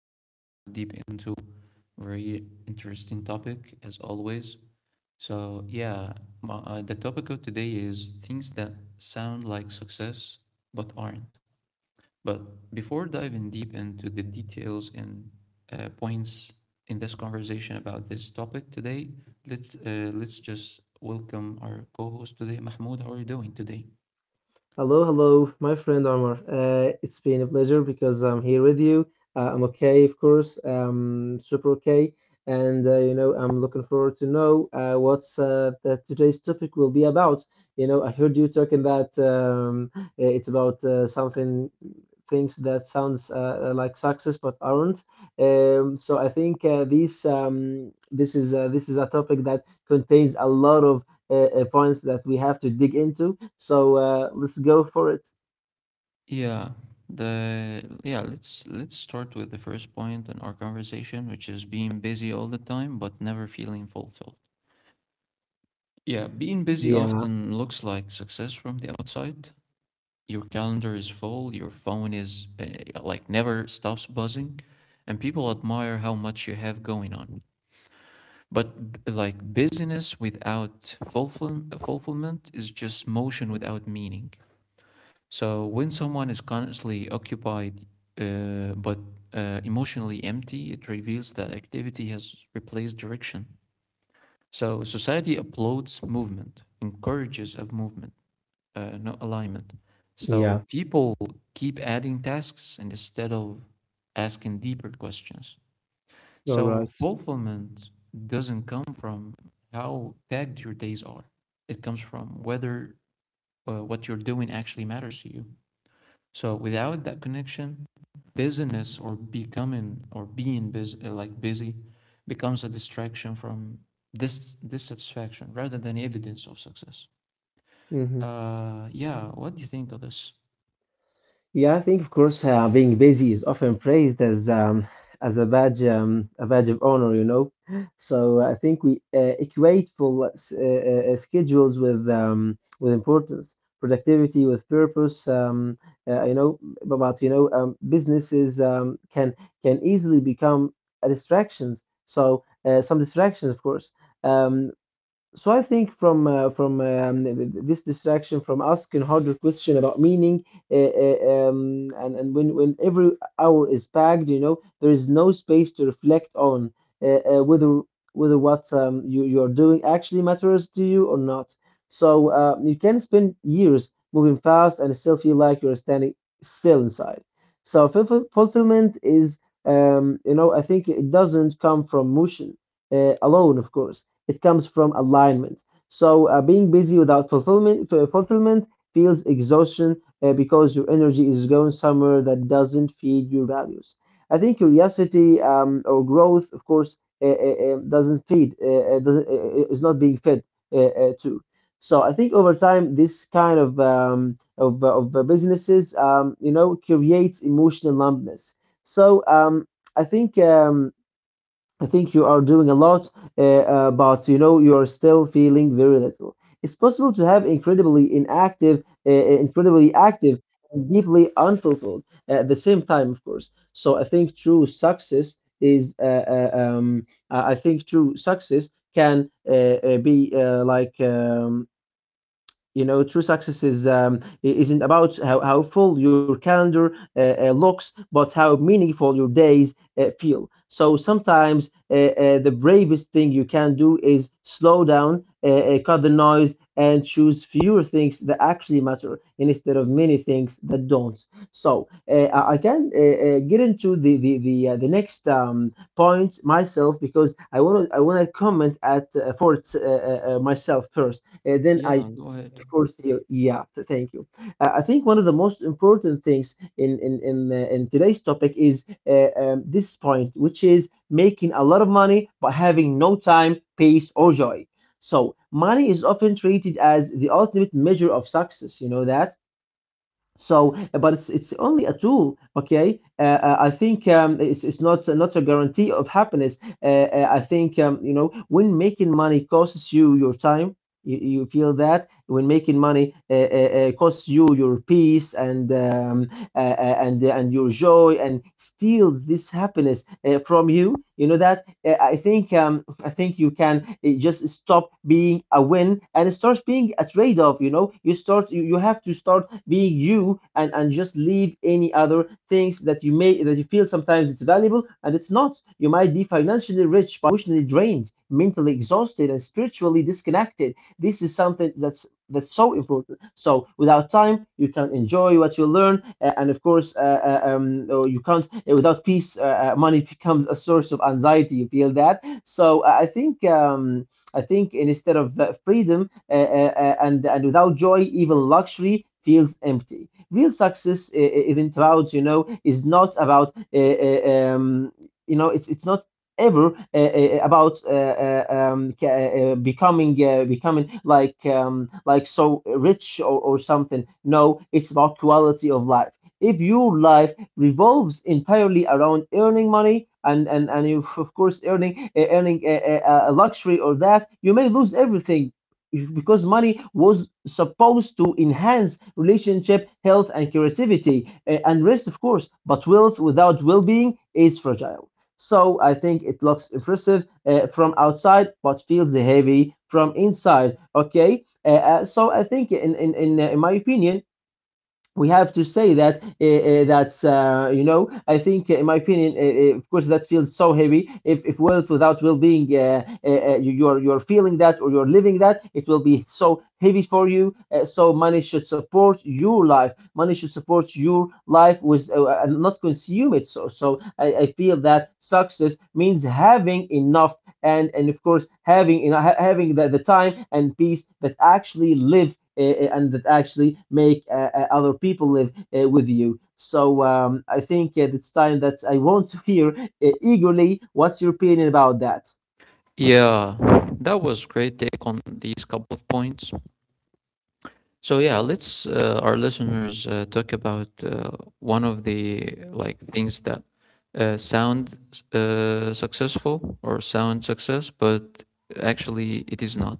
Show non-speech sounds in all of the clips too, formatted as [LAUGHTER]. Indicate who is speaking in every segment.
Speaker 1: going to dive deep into a very interesting topic, as always. So, yeah, the topic of today is things that sound like success but aren't. But before diving deep into the details and points in this conversation about this topic today, let's just welcome our co-host today, Mahmoud. How are you doing today?
Speaker 2: Hello, hello, my friend Omar. It's been a pleasure because I'm here with you. I'm okay, of course. Super okay, and I'm looking forward to know what's that today's topic will be about. I heard you talking that it's about something things that sounds like success but aren't. So I think this is a topic that contains a lot of points that we have to dig into. So let's go for it.
Speaker 1: Yeah, let's start with the first point in our conversation, which is being busy all the time but never feeling fulfilled. Yeah, being busy
Speaker 2: Yeah,
Speaker 1: often looks like success from the outside. Your calendar is full, your phone is like never stops buzzing, and people admire how much you have going on. Like busyness without fulfillment is just motion without meaning. So when someone is constantly occupied but emotionally empty, it reveals that activity has replaced direction. So society applauds movement, encourages of movement, not alignment. So
Speaker 2: yeah,
Speaker 1: people keep adding tasks instead of asking deeper questions.
Speaker 2: you're
Speaker 1: So
Speaker 2: right.
Speaker 1: fulfillment doesn't come from how packed your days are. It comes from whether what you're doing actually matters to you. So without that connection, busyness or becoming or being busy, like busy, becomes a distraction from this dissatisfaction rather than evidence of success.
Speaker 2: Mhm.
Speaker 1: Yeah. What do you think of this?
Speaker 2: Yeah, I think of course being busy is often praised as as a badge, a badge of honor. So I think we equate full schedules with importance, productivity with purpose. Uh, you know, but businesses can easily become a distractions. So some distractions, of course. Um, so I think this distraction from asking harder question about meaning. Uh, uh, um, and and when every hour is packed, there is no space to reflect on uh, uh, whether whether what you are doing actually matters to you or not. So you can spend years moving fast and still feel like you're standing still inside. So fulfillment I think it doesn't come from motion, alone, of course. It comes from alignment. So being busy without fulfillment feels exhaustion, because your energy is going somewhere that doesn't feed your values. I think curiosity, or growth, of course, doesn't feed, is not being fed, to. So I think over time, this kind of, businesses, creates emotional numbness. So I think. Um, I think you are doing a lot, but you know you are still feeling very little. It's possible to have incredibly active, and deeply unfulfilled at the same time, of course. So I think true success I I think true success can be like you know true success is isn't about how full your calendar looks, but how meaningful your days feel. So sometimes, the bravest thing you can do is slow down, cut the noise and choose fewer things that actually matter instead of many things that don't. So I can get into the next, point myself because I want to comment at, for it's, myself first, then I—
Speaker 1: Yeah, go ahead.
Speaker 2: Of course, you, yeah, thank you. I think one of the most important things in today's topic is this point, which is making a lot of money but having no time, peace, or joy. So money is often treated as the ultimate measure of success. You know that, so but it's only a tool, okay. I think, it's, it's not a guarantee of happiness. I think, when making money costs you your time, you feel that. When making money, costs you your peace and, and your joy, and steals this happiness, from you, you know that. I think you can, just stop being a win and start being a trade-off. You have to start being you, and just leave any other things that you may that you feel sometimes it's valuable. And it's not. You might be financially rich but emotionally drained, mentally exhausted, and spiritually disconnected. This is something that's so important. So without time, you can't enjoy what you learn, and of course, oh, you can't, without peace. Money [LAUGHS] becomes a source of anxiety. You feel that. So I think instead of, freedom, and without joy, even luxury feels empty. Real success, even about you know, is not about, it's not ever, about, becoming like, like so rich, or something. No, it's about quality of life. If your life revolves entirely around earning money, and you, of course, earning a luxury or that, you may lose everything because money was supposed to enhance relationship, health, and creativity, and rest, of course. But wealth without well-being is fragile. So I think it looks impressive, from outside, but feels heavy from inside. Okay. So I think, in my opinion, we have to say that's I think, in my opinion, of course, that feels so heavy. If wealth without well-being, you're feeling that or you're living that, it will be so heavy for you. So money should support your life, with and not consume it. So I feel that success means having enough, and of course having, having the time and peace that actually live, and that actually make, other people live, with you. So I think it's time that I want to hear, eagerly, what's your opinion about that.
Speaker 1: Yeah, that was great take on these couple of points. So yeah, let's our listeners talk about one of the like things that sound successful or sound success, but actually it is not.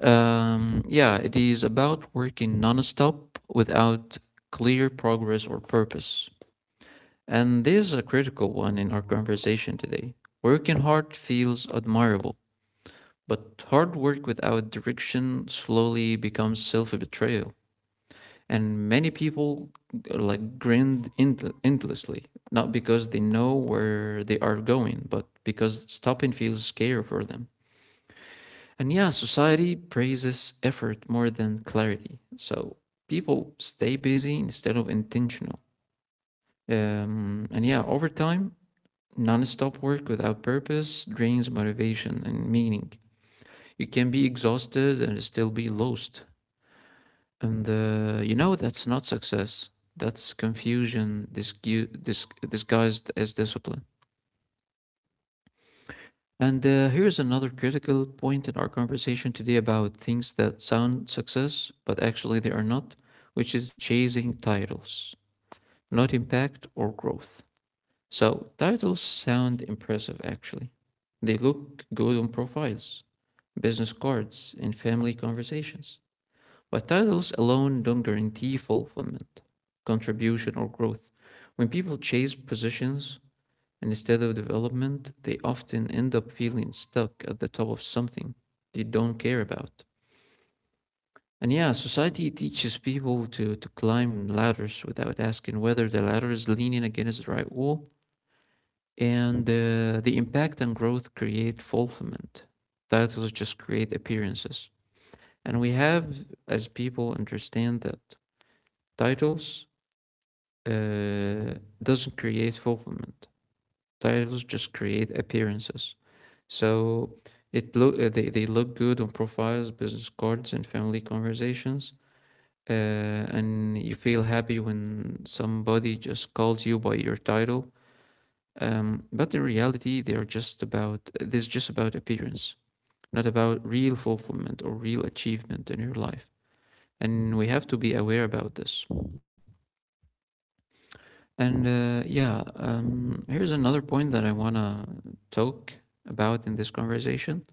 Speaker 1: Yeah, it is about working nonstop without clear progress or purpose. And this is a critical one in our conversation today. Working hard feels admirable, but hard work without direction slowly becomes self betrayal, and many people like endlessly, not because they know where they are going, but because stopping feels scary for them. And yeah, society praises effort more than clarity, so people stay busy instead of intentional. And yeah, over time, non-stop work without purpose drains motivation and meaning. You can be exhausted and still be lost. And you know, that's not success. That's confusion disguised as discipline. And here's another critical point in our conversation today about things that sound success, but actually they are not, which is chasing titles, not impact or growth. So, titles sound impressive actually. They look good on profiles, business cards, and family conversations. But titles alone don't guarantee fulfillment, contribution, or growth. When people chase positions instead of development, they often end up feeling stuck at the top of something they don't care about. And yeah, society teaches people to climb ladders without asking whether the ladder is leaning against the right wall. And the impact and growth create fulfillment. Titles just create appearances. And we have, as people, understand that titles uh, doesn't create fulfillment. Titles just create appearances. So they look good on profiles, business cards, and family conversations. And you feel happy when somebody just calls you by your title. But in reality, they are just about, this is just about appearance, not about real fulfillment or real achievement in your life. And we have to be aware about this. And yeah, here's another point that I want to talk about in this conversation,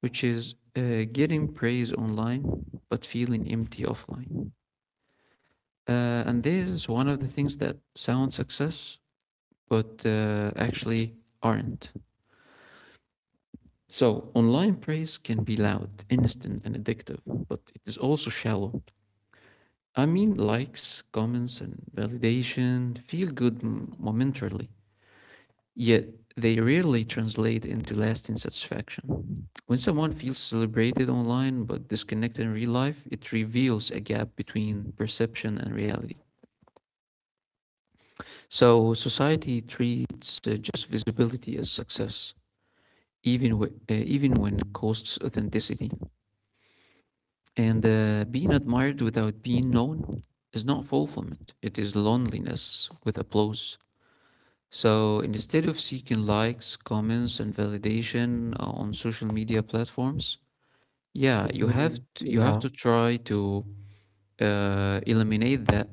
Speaker 1: which is getting praise online but feeling empty offline. And this is one of the things that sound success, but actually aren't. So, online praise can be loud, instant, and addictive, but it is also shallow. I mean, likes, comments, and validation feel good momentarily, yet they rarely translate into lasting satisfaction. When someone feels celebrated online but disconnected in real life, it reveals a gap between perception and reality. So society treats just visibility as success, even even when it costs authenticity. And being admired without being known is not fulfillment; it is loneliness with applause. So instead of seeking likes, comments, and validation on social media platforms, yeah,
Speaker 2: Mhm.
Speaker 1: you have
Speaker 2: Yeah.
Speaker 1: to try to eliminate that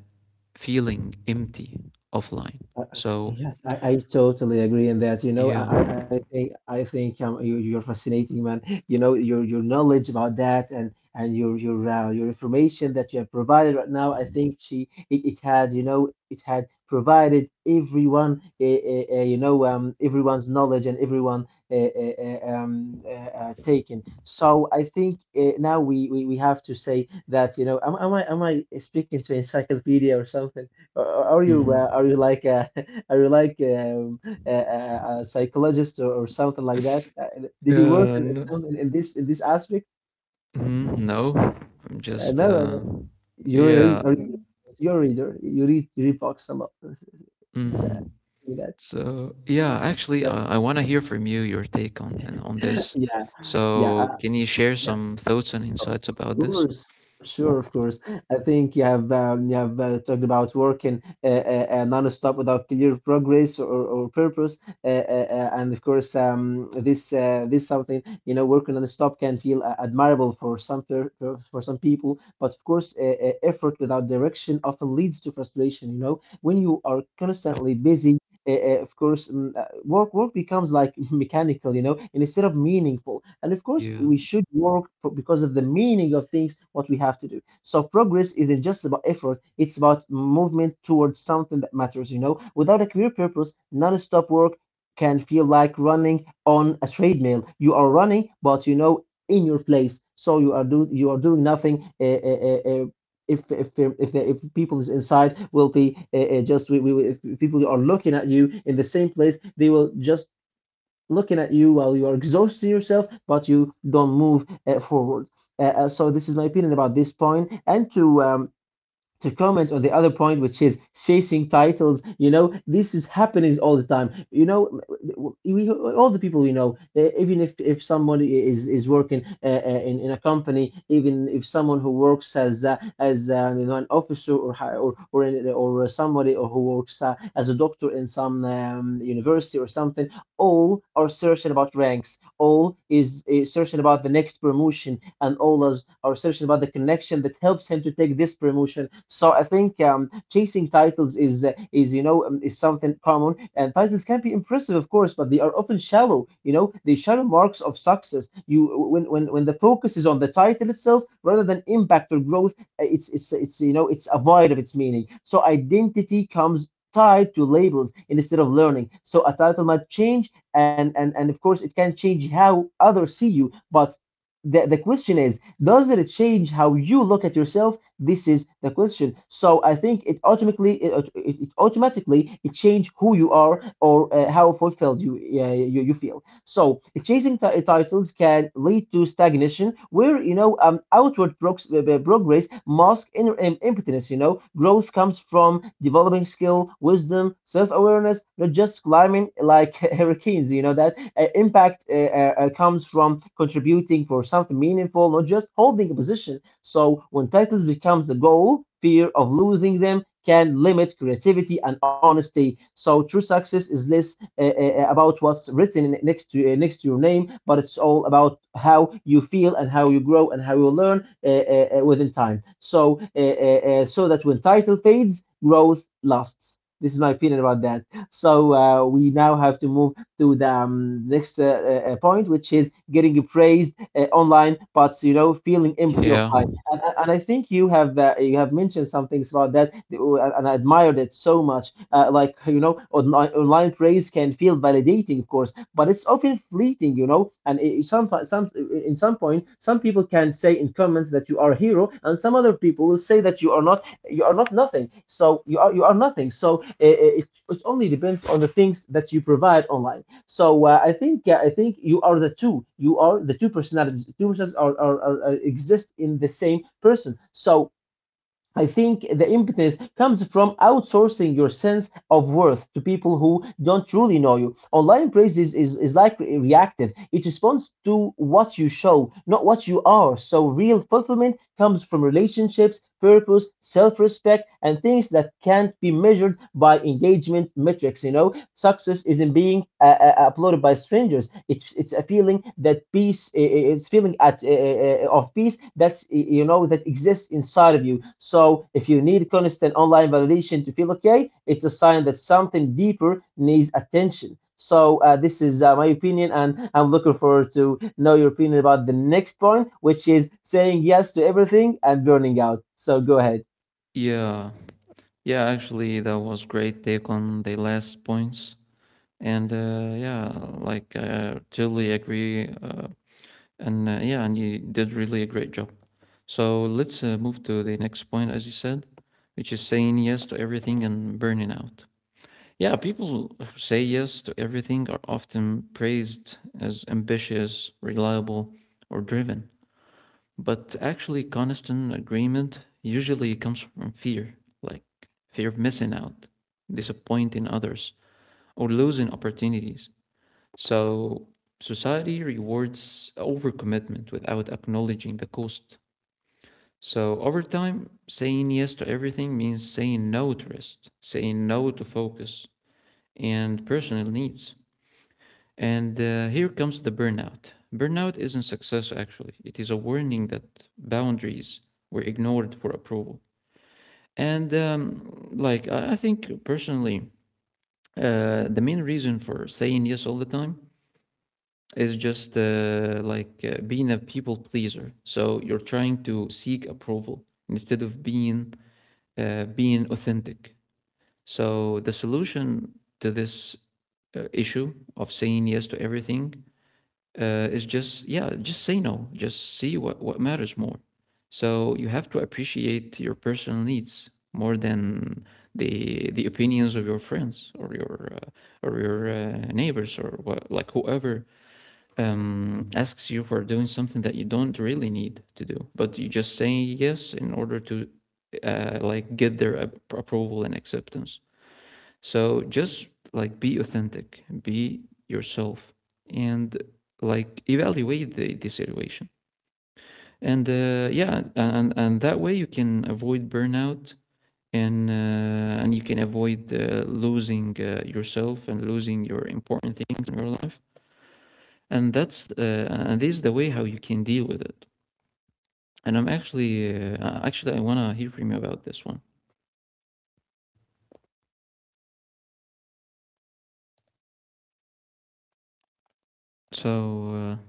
Speaker 1: feeling empty offline.
Speaker 2: Uh, uh,
Speaker 1: So
Speaker 2: Yes, I totally agree in that.
Speaker 1: yeah,
Speaker 2: I think you're fascinating, man. Your knowledge about that, and your information that you have provided right now. I think she it had, it had provided everyone, everyone's knowledge, and everyone, taken. So I think now we have to say that, am I speaking to encyclopedia or something? Or-
Speaker 1: hmm
Speaker 2: are you like a, [LAUGHS] Are you like a psychologist, or something like that? Did you work
Speaker 1: yeah,
Speaker 2: in, some- in in this aspect?
Speaker 1: mhm, no, I'm just
Speaker 2: No, no, no. You're a, re-
Speaker 1: yeah.
Speaker 2: a reader. You're a reader. You read books a lot. [LAUGHS] It's, uh,
Speaker 1: Hmm.
Speaker 2: that,
Speaker 1: So yeah, actually,
Speaker 2: that-
Speaker 1: I want to hear from you your take on this.
Speaker 2: [LAUGHS] yeah,
Speaker 1: So
Speaker 2: yeah.
Speaker 1: can you share
Speaker 2: Yeah.
Speaker 1: some thoughts and
Speaker 2: Of
Speaker 1: insights about this?
Speaker 2: course,
Speaker 1: Yeah.
Speaker 2: sure, of course. I think you have talked about working, non-stop without clear progress, or purpose, and of course, this something, working non-stop can feel, admirable for some people, but of course, effort without direction often leads to frustration. When you are constantly busy, of course, work becomes like [LAUGHS] mechanical, and instead of meaningful. And of course,
Speaker 1: Yeah.
Speaker 2: we should work, for, because of the meaning of things, what we have to do. So progress isn't just about effort; it's about movement towards something that matters. Without a clear purpose, non-stop work can feel like running on a treadmill. You are running, but in your place, so you are doing nothing. Uh, uh, uh, if people is inside will be, just, we if people are looking at you in the same place, they will just looking at you while you are exhausting yourself, but you don't move, forward. So this is my opinion about this point, and to comment on the other point, which is chasing titles. This is happening all the time. We all the people we know, even if somebody is working, in a company, even if someone who works as, an officer, or or somebody, or who works, as a doctor in some, university or something, all are searching about ranks. All is searching about the next promotion, and Ola's are searching about the connection that helps him to take this promotion. So I think, chasing titles is, something common, and titles can be impressive, of course, but they are often shallow. They shallow marks of success. You, when the focus is on the title itself rather than impact or growth, it's it's a void of its meaning. So identity comes tied to labels instead of learning. So a title might change, and of course it can change how others see you, but the question is, does it change how you look at yourself? This is the question. So I think it automatically, it automatically it change who you are, or how fulfilled you, you you feel. So chasing titles can lead to stagnation, where outward progress masks inner impotence. You know, growth comes from developing skill, wisdom, self-awareness, not just climbing like [LAUGHS] hurricanes. You know that impact comes from contributing for something meaningful, not just holding a position. So when titles becomes a goal, fear of losing them can limit creativity and honesty. So true success is less about what's written next to next to your name, but it's all about how you feel and how you grow and how you learn within time. So that when title fades, growth lasts. This is my opinion about that. So we now have to move to the next point, which is getting praised online, but you know, feeling empty
Speaker 1: Yeah.
Speaker 2: offline. And I think you have mentioned some things about that, and I admired it so much. Like you know, online praise can feel validating, of course, but it's often fleeting, you know. And some in some point, some people can say in comments that you are a hero, and some other people will say that you are not, you are nothing. So you are, you are nothing. So it only depends on the things that you provide online. So I think you are the two. You are the two personalities. Two personalities are exist in the same person. So I think the impetus comes from outsourcing your sense of worth to people who don't truly know you. Online praise is like reactive. It responds to what you show, not what you are. So real fulfillment comes from relationships, purpose, self respect, and things that can't be measured by engagement metrics. You know, success isn't being uploaded by strangers. Strangers. It's a feeling that peace. It's feeling at of peace that's that exists inside of you. So if you need constant online validation to feel okay, it's a sign that something deeper needs attention. So this is my opinion, and I'm looking forward to know your opinion about the next point, which is saying yes to everything and burning out. So go ahead.
Speaker 1: Yeah. Yeah. Actually, that was great take on the last points. And yeah, like I totally agree. And Yeah, and you did really a great job. So let's move to the next point, as you said, which is saying yes to everything and burning out. Yeah, people who say yes to everything are often praised as ambitious, reliable, or driven. But actually, constant agreement usually comes from fear, like fear of missing out, disappointing others, or losing opportunities. So, society rewards overcommitment without acknowledging the cost. So, over time, saying yes to everything means saying no to rest, saying no to focus and personal needs, and here comes the burnout. Burnout isn't success, actually, it is a warning that boundaries were ignored for approval. And like, I think personally, the main reason for saying yes all the time is just like being a people pleaser. So you're trying to seek approval instead of being authentic. So the solution to this issue of saying yes to everything is just, yeah, just say no, just see what matters more. So you have to appreciate your personal needs more than the opinions of your friends or your neighbors or what, like whoever asks you for doing something that you don't really need to do, but you just say yes in order to like get their approval and acceptance. So just like be authentic, be yourself, and like evaluate the situation. And yeah, and that way you can avoid burnout, and you can avoid losing yourself and losing your important things in your life. And that's and this is the way how you can deal with it. And I'm actually actually, I wanna hear from you about this one. So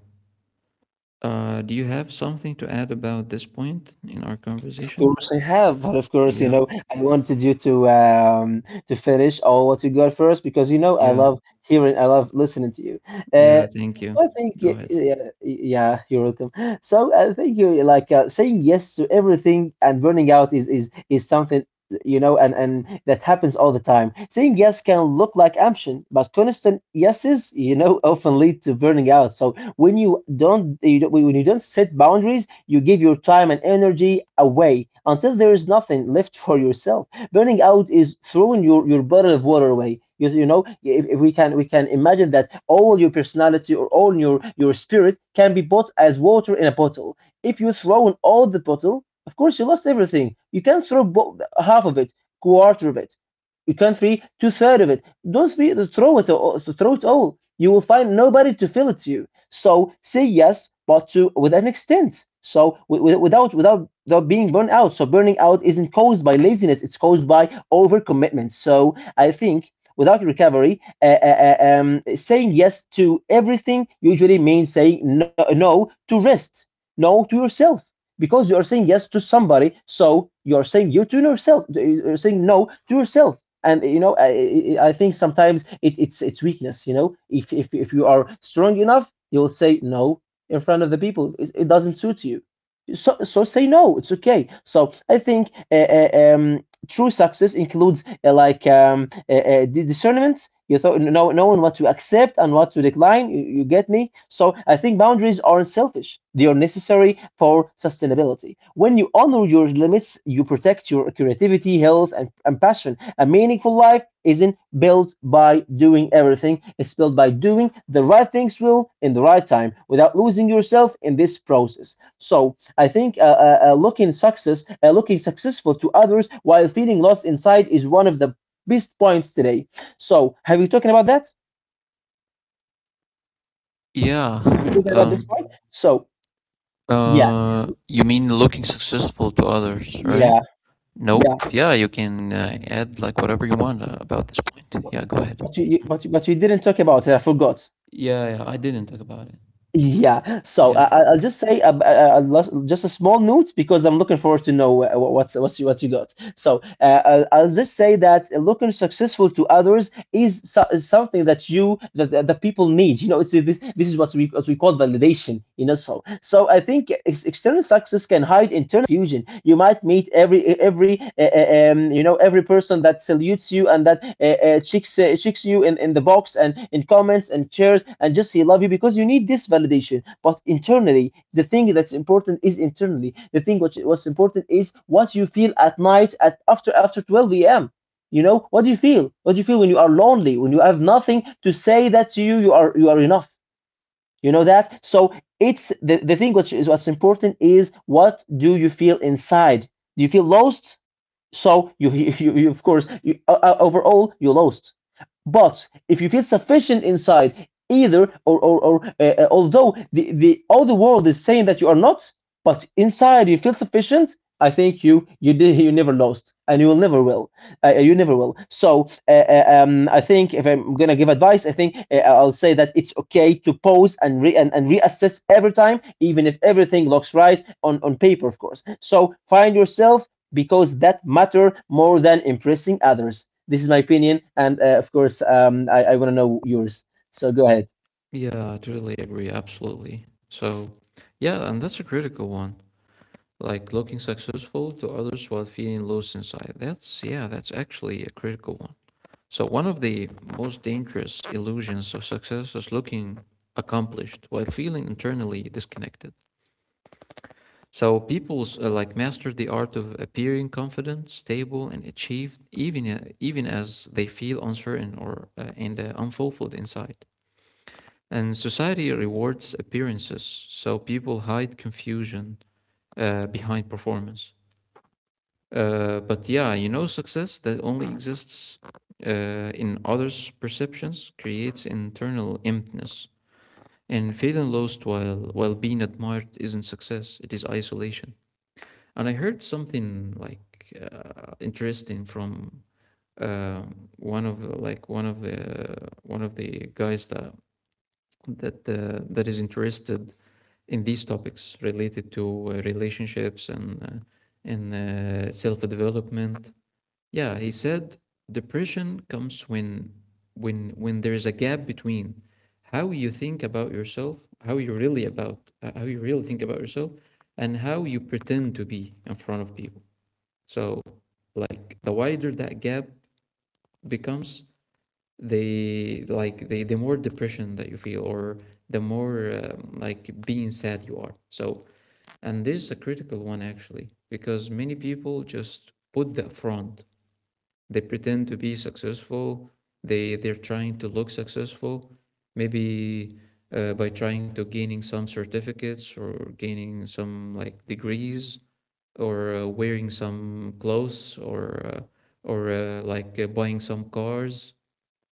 Speaker 1: do you have something to add about this point in our conversation?
Speaker 2: Course I have, but of course, you
Speaker 1: Yeah,
Speaker 2: know, I wanted you to to finish all what you got first, because you know I
Speaker 1: yeah,
Speaker 2: love hearing, I love listening to you. Uh,
Speaker 1: yeah. Thank
Speaker 2: so
Speaker 1: you.
Speaker 2: I think
Speaker 1: Go ahead.
Speaker 2: yeah, yeah, you're welcome. So I think you, like, saying yes to everything and burning out is something, you know, and that happens all the time. Saying yes can look like ambition, but constant yeses, you know, often lead to burning out. So when you don't set boundaries, you give your time and energy away until there is nothing left [LAUGHS] for yourself. Burning out is throwing your bottle of water away. You know, if, if we can imagine that all your personality or all your spirit can be bought as water in a bottle, if you throw in all the bottle, of course, you lost everything. You can throw half of it, quarter of it. You can three two third of it. Don't throw it all, throw it all. You will find nobody to fill it to you. So say yes, but to with an extent. So without being burned out. So burning out isn't caused by laziness; it's caused by overcommitment. So I think without recovery, saying yes to everything usually means saying no, no to rest, no to yourself. Because you are saying yes to somebody, so you are saying you to yourself, you're saying no to yourself. And you know, I think sometimes it's it's weakness. You know, if you are strong enough, you'll say no in front of the people it, it doesn't suit you. So so say no, it's okay. So I think true success includes like discernment. You thought know, knowing what to accept and what to decline, you get me. So I think boundaries aren't selfish, they are necessary for sustainability. When you honor your limits, you protect your creativity, health, and passion. A meaningful life isn't built by doing everything, it's built by doing the right things will in the right time, without losing yourself in this process. So I think looking successful to others while feeling lost inside is one of the best points today. So, have you talking about that?
Speaker 1: Yeah.
Speaker 2: Have you talking about this
Speaker 1: Um,
Speaker 2: point? So, yes,
Speaker 1: you mean looking successful to others, right?
Speaker 2: yeah,
Speaker 1: Nope.
Speaker 2: yeah.
Speaker 1: Yeah, you can add like whatever you want about this point. Yeah, go ahead.
Speaker 2: But but you didn't talk about it. I forgot.
Speaker 1: Yeah, I didn't talk about it.
Speaker 2: Yeah. So
Speaker 1: Yeah.
Speaker 2: I'll just say just a small note, because I'm looking forward to know what's you what you got. So I'll just say that looking successful to others is, is something that that the people need. You know, it's this, this is what we call validation. You know, so so I think external success can hide internal confusion. You might meet every every person that salutes you and that checks you in the box and in comments and shares, and just he love you because you need this validation. But internally, the thing that's important is internally. The thing which what's important is what you feel at night, at after 12 a.m. You know, what do you feel? What do you feel when you are lonely, when you have nothing to say, that to you, you are, you are enough. You know that? So it's the thing which is what's important is what do you feel inside? Do you feel lost? So you, [LAUGHS] you, of course, you, overall, you're lost. But if you feel sufficient inside, either or or although the all the world is saying that you are not, but inside you feel sufficient, I think you [LAUGHS] did you never lost and you will never will. You never will. So I think if I'm gonna give advice, I think I'll say that it's okay to pause and and reassess every time, even if everything looks right on paper, of course. So find yourself, because that matter more than impressing others. This is my opinion, and of course, I want to know yours. So go ahead.
Speaker 1: Yeah, I totally agree. Absolutely. So, yeah, and that's a critical one. Like looking successful to others while feeling lost inside. That's, yeah, that's actually a critical one. So one of the most dangerous illusions of success is looking accomplished while feeling internally disconnected. So people like master the art of appearing confident, stable, and achieved, even as they feel uncertain or and unfulfilled inside. And society rewards appearances, so people hide confusion behind performance. But yeah, you know, success that only Mm. exists in others' perceptions creates internal emptiness. And feeling lost while being admired isn't success; it is isolation. And I heard something like interesting from uh, one of like one of the guys that that is interested in these topics related to relationships and self development. Yeah, he said depression comes when when there is a gap between how you think about yourself, how you really think about yourself, and how you pretend to be in front of people. So, like the wider that gap becomes, the like the more depression that you feel, or the more like being sad you are. So, and this is a critical one actually, because many people just put that front, they pretend to be successful. They're trying to look successful, maybe by trying to gaining some certificates or gaining some like degrees or wearing some clothes or buying some cars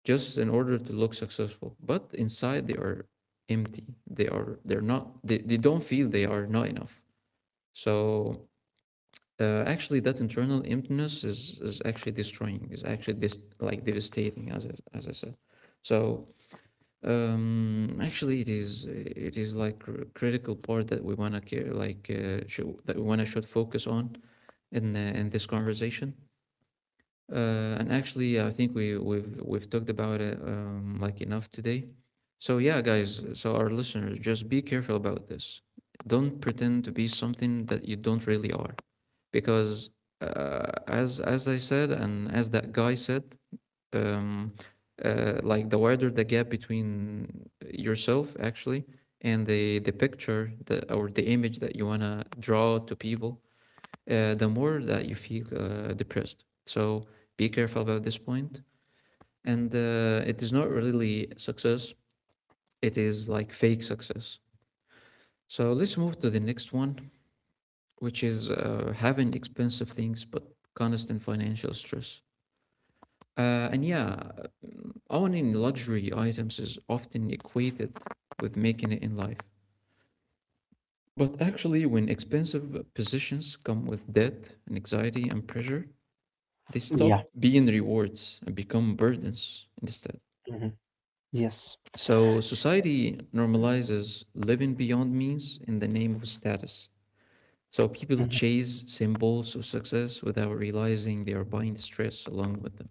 Speaker 1: just in order to look successful. But inside they are empty. They're not, they don't feel, they are not enough. So actually, that internal emptiness is actually destroying. Is actually this like devastating, as I said. So actually, it is like critical part that we wanna care like should, that we wanna should focus on in this conversation. And actually, I think we've talked about it like enough today. So yeah, guys. So our listeners, just be careful about this. Don't pretend to be something that you don't really are because as I said and as that guy said, um, like the wider the gap between yourself actually and the picture or the image that you wanna draw to people, the more that you feel depressed. So be careful about this point. And it is not really success; it is like fake success. So let's move to the next one, which is having expensive things but constant financial stress. And yeah, owning luxury items is often equated with making it in life. But actually, when expensive possessions come with debt and anxiety and pressure, they stop
Speaker 2: Yeah.
Speaker 1: being rewards and become burdens instead.
Speaker 2: Mhm. Yes.
Speaker 1: So society normalizes living beyond means in the name of status. So people
Speaker 2: Mhm.
Speaker 1: chase symbols of success without realizing they are buying stress along with them.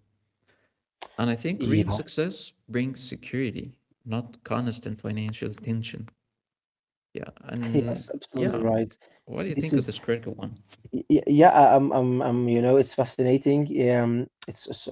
Speaker 1: And I think real
Speaker 2: Yeah.
Speaker 1: success brings security, not constant financial tension. Yeah.
Speaker 2: [LAUGHS]
Speaker 1: And
Speaker 2: Yes. Absolutely
Speaker 1: yeah,
Speaker 2: right.
Speaker 1: what do you
Speaker 2: This
Speaker 1: think of
Speaker 2: is
Speaker 1: this critical one?
Speaker 2: Yeah, I'm, you know, it's fascinating. It's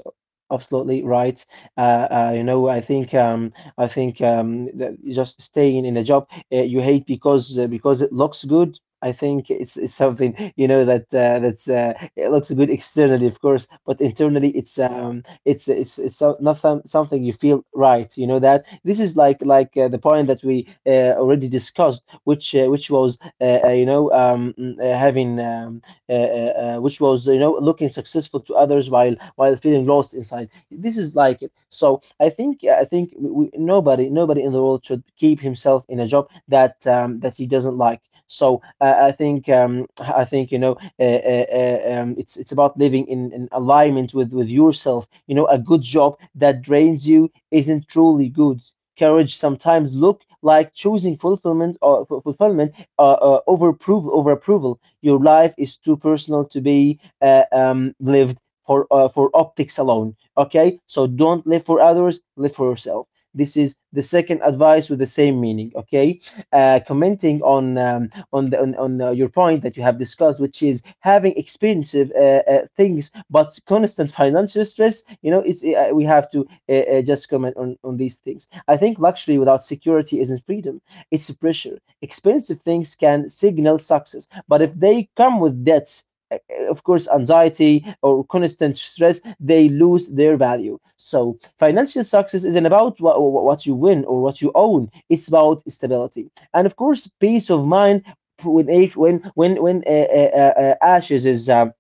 Speaker 2: absolutely right. Uh, you know, I think, that just staying in a job you hate because it looks good. I think it's something, you know, that that's it looks good externally, of course, but internally it's it's so, not something you feel right. You know that this is like the point that we already discussed, which was having. Which was, you know, looking successful to others while feeling lost inside. This is like it. So I think yeah, I think we, nobody in the world should keep himself in a job that that he doesn't like. So I think you know it's about living in alignment with yourself. You know, a good job that drains you isn't truly good. Courage sometimes look like choosing fulfillment or fulfillment over approval, over approval. Your life is too personal to be lived for optics alone. Okay, so don't live for others, live for yourself. This is the second advice with the same meaning. Okay, commenting on the on your point that you have discussed, which is having expensive things but constant financial stress. You know, it's we have to just comment on these things. I think luxury without security isn't freedom, it's pressure. Expensive things can signal success, but if they come with debts, uh, of course, anxiety or constant stress, they lose their value. So, financial success isn't about what you win or what you own. It's about stability, and of course, peace of mind when age when ashes is.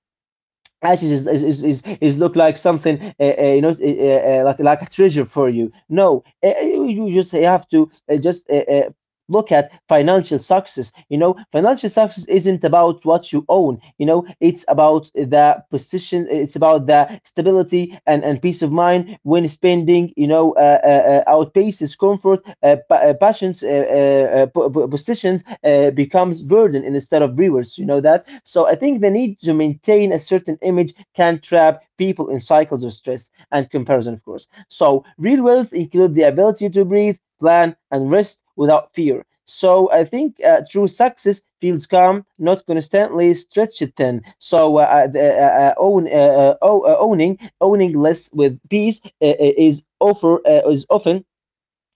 Speaker 2: Ashes is look like something like a treasure for you. No, you just have to just look at financial success. You know, financial success isn't about what you own. You know, it's about the position. It's about the stability and peace of mind when spending. You know, outpaces comfort. Passions, positions becomes burden instead of rewards. You know that. So I think the need to maintain a certain image can trap people in cycles of stress and comparison, of course. So, real wealth includes the ability to breathe, plan, and rest without fear. So, I think true success feels calm, not constantly stretched thin. So, the, own, o- owning less with peace is offer is often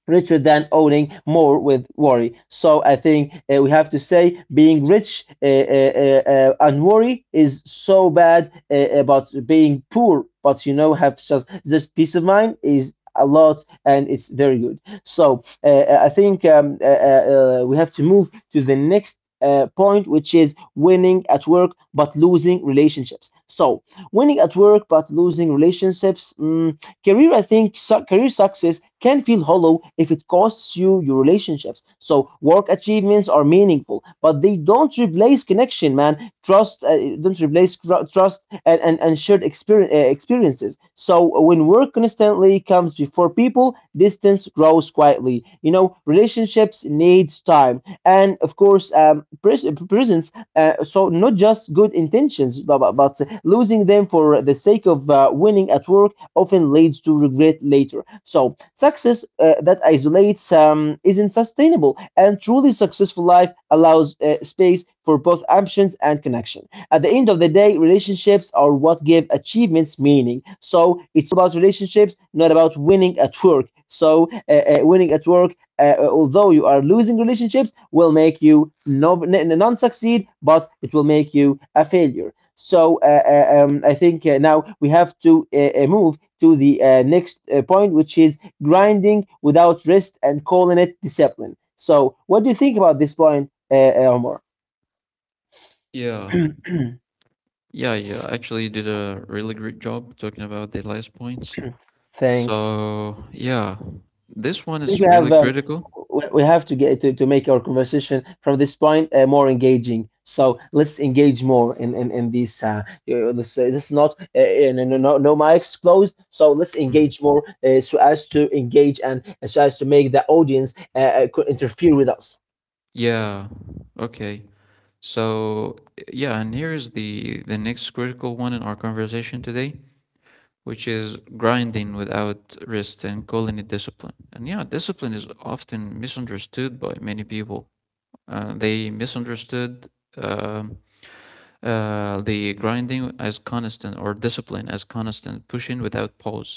Speaker 2: richer than owning more with worry. So I think we have to say being rich and worry is so bad about being poor, but you know have just this peace of mind is a lot and it's very good. So I think we have to move to the next point, which is winning at work but losing relationships. So, winning at work but losing relationships. Career, I think, career success can feel hollow if it costs you your relationships. So, work achievements are meaningful, but they don't replace connection, man. Trust, don't replace trust and shared experiences. So when work constantly comes before people, distance grows quietly. You know, relationships needs time, and of course, presence, so not just good intentions, but losing them for the sake of winning at work often leads to regret later. So success that isolates isn't sustainable, and truly successful life allows space for both options and connection. At the end of the day, relationships are what give achievements meaning. So it's about relationships, not about winning at work. So winning at work, although you are losing relationships, will make you no, non succeed, but it will make you a failure. So I think now we have to move to the next point, which is grinding without rest and calling it discipline. So, what do you think about this point, Omar?
Speaker 1: Yeah.
Speaker 2: [CLEARS THROAT]
Speaker 1: Yeah, yeah. Actually, you did a really great job talking about the last points.
Speaker 2: Thanks.
Speaker 1: So, yeah, this one
Speaker 2: Think we
Speaker 1: is
Speaker 2: have
Speaker 1: really critical.
Speaker 2: we have to get to make our conversation from this point more engaging. So let's engage more in in this. This is not no, no, mics closed. So let's
Speaker 1: Mm.
Speaker 2: engage more so as to engage and so as to make the audience interfere with us.
Speaker 1: Yeah. Okay. So, yeah, and here is the next critical one in our conversation today, which is grinding without rest and calling it discipline. And yeah, discipline is often misunderstood by many people. They misunderstood um the grinding as constant or discipline as constant pushing without pause.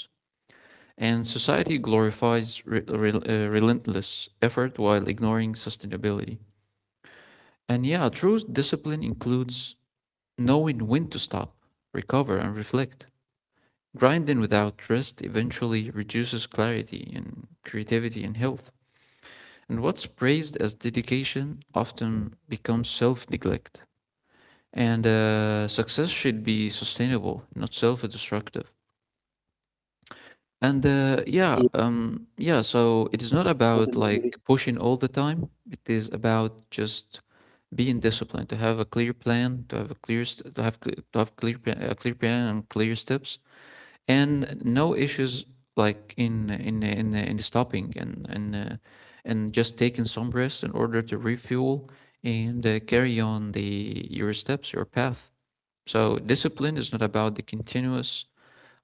Speaker 1: And society glorifies relentless effort while ignoring sustainability. And yeah, true discipline includes knowing when to stop, recover, and reflect. Grinding without rest eventually reduces clarity and creativity and health. And what's praised as dedication often becomes self neglect. And success should be sustainable, not self destructive. And
Speaker 2: Yeah,
Speaker 1: yeah, so it is not
Speaker 2: totally
Speaker 1: about
Speaker 2: agree.
Speaker 1: like pushing all the time, it is about just being disciplined to have a clear plan to have a clear st- to have cl- to have clear plan, a clear plan and clear steps and no issues like in stopping and and just taking some rest in order to refuel and carry on the your steps your path. So discipline is not about the continuous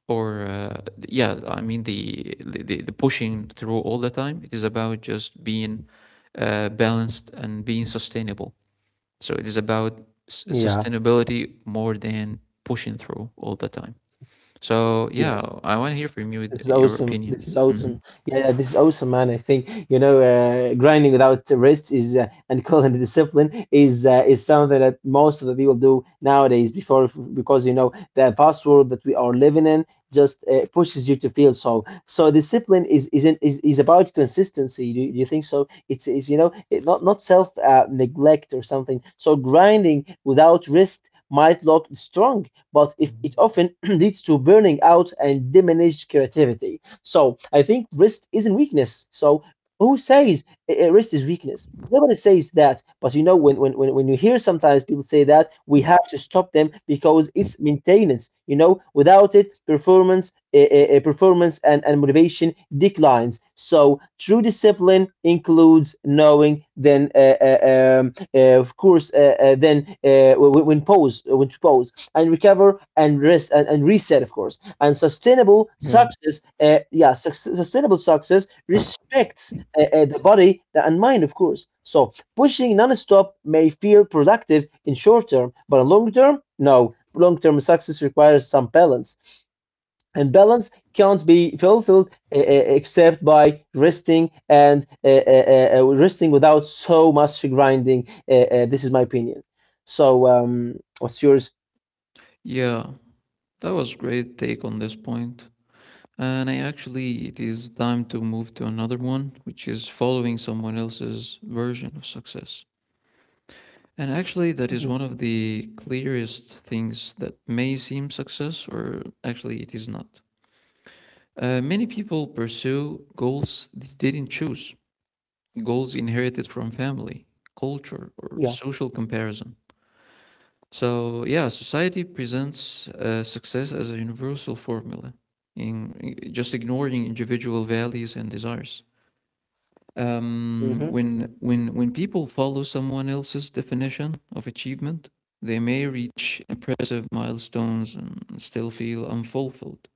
Speaker 1: or pushing through all the time. It is about just being balanced and being sustainable. So it is about
Speaker 2: Yeah.
Speaker 1: sustainability more than pushing through all the time. So yeah,
Speaker 2: Yes.
Speaker 1: I want to hear from you with
Speaker 2: This is
Speaker 1: your
Speaker 2: awesome. This
Speaker 1: opinion.
Speaker 2: is
Speaker 1: Hmm.
Speaker 2: awesome. Yeah, yeah, this is awesome, man. I think you know, grinding without rest is, and [LAUGHS] calling it discipline is, is something that most of the people do nowadays. Before, because you know the fast world that we are living in just pushes you to feel so. So discipline is isn't is about consistency. Do you think so? It's, is, you know it, not self, neglect or something. So grinding without rest might look strong, but if it
Speaker 1: Mhm.
Speaker 2: often [CLEARS THROAT] leads to burning out and diminished creativity. So I think rest isn't weakness. So who says rest is weakness? Nobody says that. But you know, when you hear sometimes people say that, we have to stop them because it's maintenance. You know, without it, performance and motivation declines. So true discipline includes knowing then of course, when pause, when to pause and recover and rest and reset, of course. And sustainable
Speaker 1: Yeah,
Speaker 2: success, yeah, sustainable success respects the body and mind, of course. So pushing non-stop may feel productive in short term, but in long term, no. Long term success requires some balance, and balance can't be fulfilled, except by resting and resting without so much grinding. This is my opinion. So, what's yours?
Speaker 1: yeah, that was great take on this point. And I actually, it is time to move to another one, which is following someone else's version of success. And actually, that is
Speaker 2: Mhm.
Speaker 1: one of the clearest things that may seem success, or actually, it is not. Many people pursue goals they didn't choose, goals inherited from family, culture, or
Speaker 2: Yeah.
Speaker 1: social comparison. So yeah, society presents success as a universal formula, just ignoring individual values and desires.
Speaker 2: Mm-hmm.
Speaker 1: When when people follow someone else's definition of achievement, they may reach impressive milestones and still feel unfulfilled.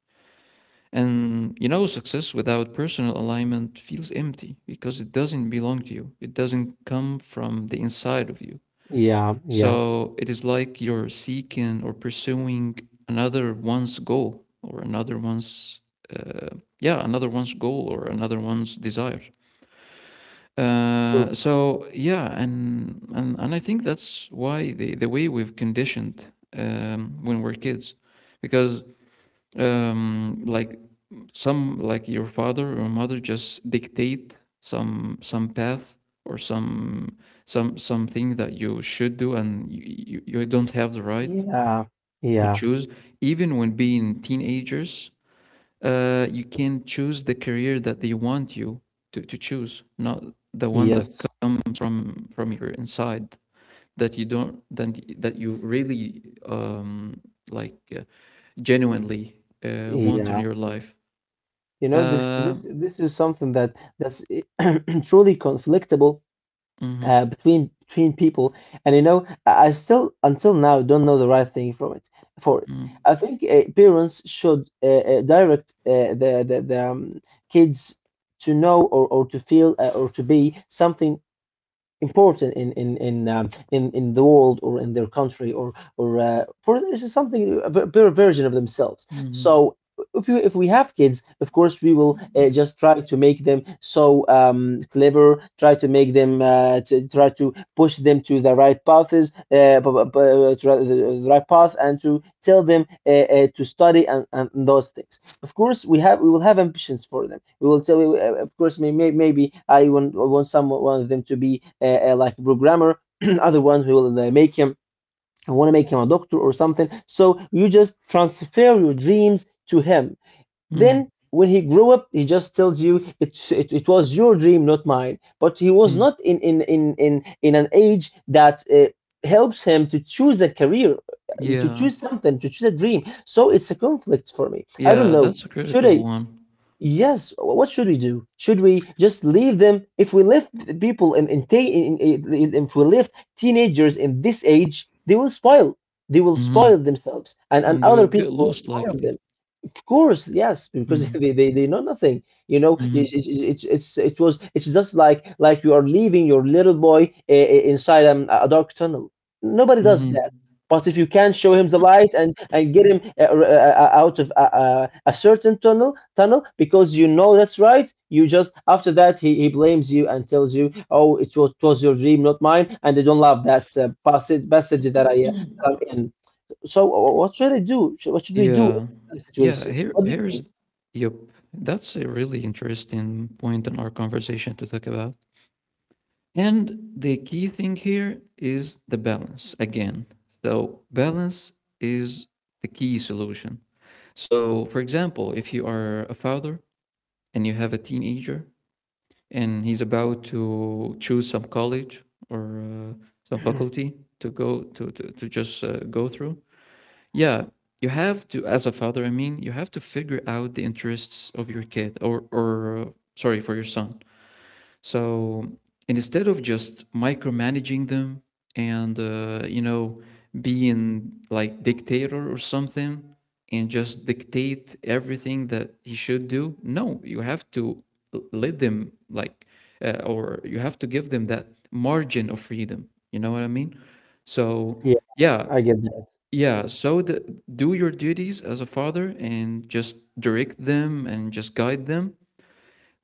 Speaker 1: And you know, success without personal alignment feels empty because it doesn't belong to you. It doesn't come from the inside of you.
Speaker 2: Yeah, yeah,
Speaker 1: So it is like you're seeking or pursuing another one's goal or uh, yeah, another one's goal or another one's desire.
Speaker 2: true.
Speaker 1: So yeah, and I think that's why the way we've conditioned when we're kids, because like some like your father or mother just dictate some path or some something that you should do and you don't have the right
Speaker 2: Yeah,
Speaker 1: to
Speaker 2: yeah,
Speaker 1: choose. Even when being teenagers, you can choose the career that they want you to choose, not the one that
Speaker 2: yes,
Speaker 1: comes from your inside that you don't that, that you really like uh, genuinely want in
Speaker 2: yeah.
Speaker 1: your life.
Speaker 2: You know, this
Speaker 1: uh,
Speaker 2: this this is something that that's [CLEARS THROAT] truly conflictable,
Speaker 1: mhm,
Speaker 2: between people, and you know, I still until now don't know the right thing from it, for it.
Speaker 1: mhm,
Speaker 2: I think parents should direct the kids to know, or to feel, or to be something important in the world, or in their country, or for this is something a better version of themselves.
Speaker 1: mhm,
Speaker 2: So if you if we have kids, of course we will just try to make them so clever, try to make them to try to push them to the right paths, b- b- b- to the right path, and to tell them to study and those things. Of course, we will have ambitions for them. We will tell you, of course, maybe I want some one of them to be like a programmer. [CLEARS THROAT] Other ones who will make him, I want to make him a doctor or something. So you just transfer your dreams to him.
Speaker 1: mm,
Speaker 2: Then when he grew up, he just tells you it was your dream, not mine. But he was
Speaker 1: mm.
Speaker 2: not in an age that helps him to choose a career, to
Speaker 1: Yeah,
Speaker 2: choose something, to choose a dream. So it's a conflict for me, I don't
Speaker 1: yeah,
Speaker 2: know.
Speaker 1: that's a
Speaker 2: Should
Speaker 1: critical
Speaker 2: I—
Speaker 1: one.
Speaker 2: yes, what should we do? Should we just leave them? If we left the people in, ta- in- if we left teenagers in this age, they will spoil. They will spoil
Speaker 1: Mhm,
Speaker 2: themselves, and
Speaker 1: and they will
Speaker 2: other
Speaker 1: get
Speaker 2: people will
Speaker 1: lost
Speaker 2: spoil
Speaker 1: likely.
Speaker 2: them. Of course, yes, because [LAUGHS]
Speaker 1: Mhm,
Speaker 2: they know nothing. You know,
Speaker 1: mhm,
Speaker 2: it's it was it's just like you are leaving your little boy inside a dark tunnel. Nobody does that.
Speaker 1: mhm.
Speaker 2: But if you can show him the light and get him out of a certain tunnel, because you know that's right, you just after that he blames you and tells you, oh, it was your dream, not mine, and they don't love that passage that I that I'm in. So what should I do? Should— what should we do
Speaker 1: Yeah,
Speaker 2: in this
Speaker 1: yeah.
Speaker 2: situation? What do you
Speaker 1: Yep. That's a really interesting point in our conversation to talk about. And the key thing here is the balance again. So balance is the key solution. So, for example, if you are a father and you have a teenager and he's about to choose some college or some
Speaker 2: think?
Speaker 1: faculty to go to to just go through. Yeah, you have to as a father, I mean you have to figure out the interests of your kid or sorry, for your son. So instead of just micromanaging them and you know, being like dictator or something and just dictate everything that he should do, no, you have to let them like or you have to give them that margin of freedom. You know what I mean?
Speaker 2: [CLEARS THROAT]
Speaker 1: So
Speaker 2: Yeah,
Speaker 1: yeah,
Speaker 2: I get that.
Speaker 1: yeah. So the, do your duties as a father and just direct them and just guide them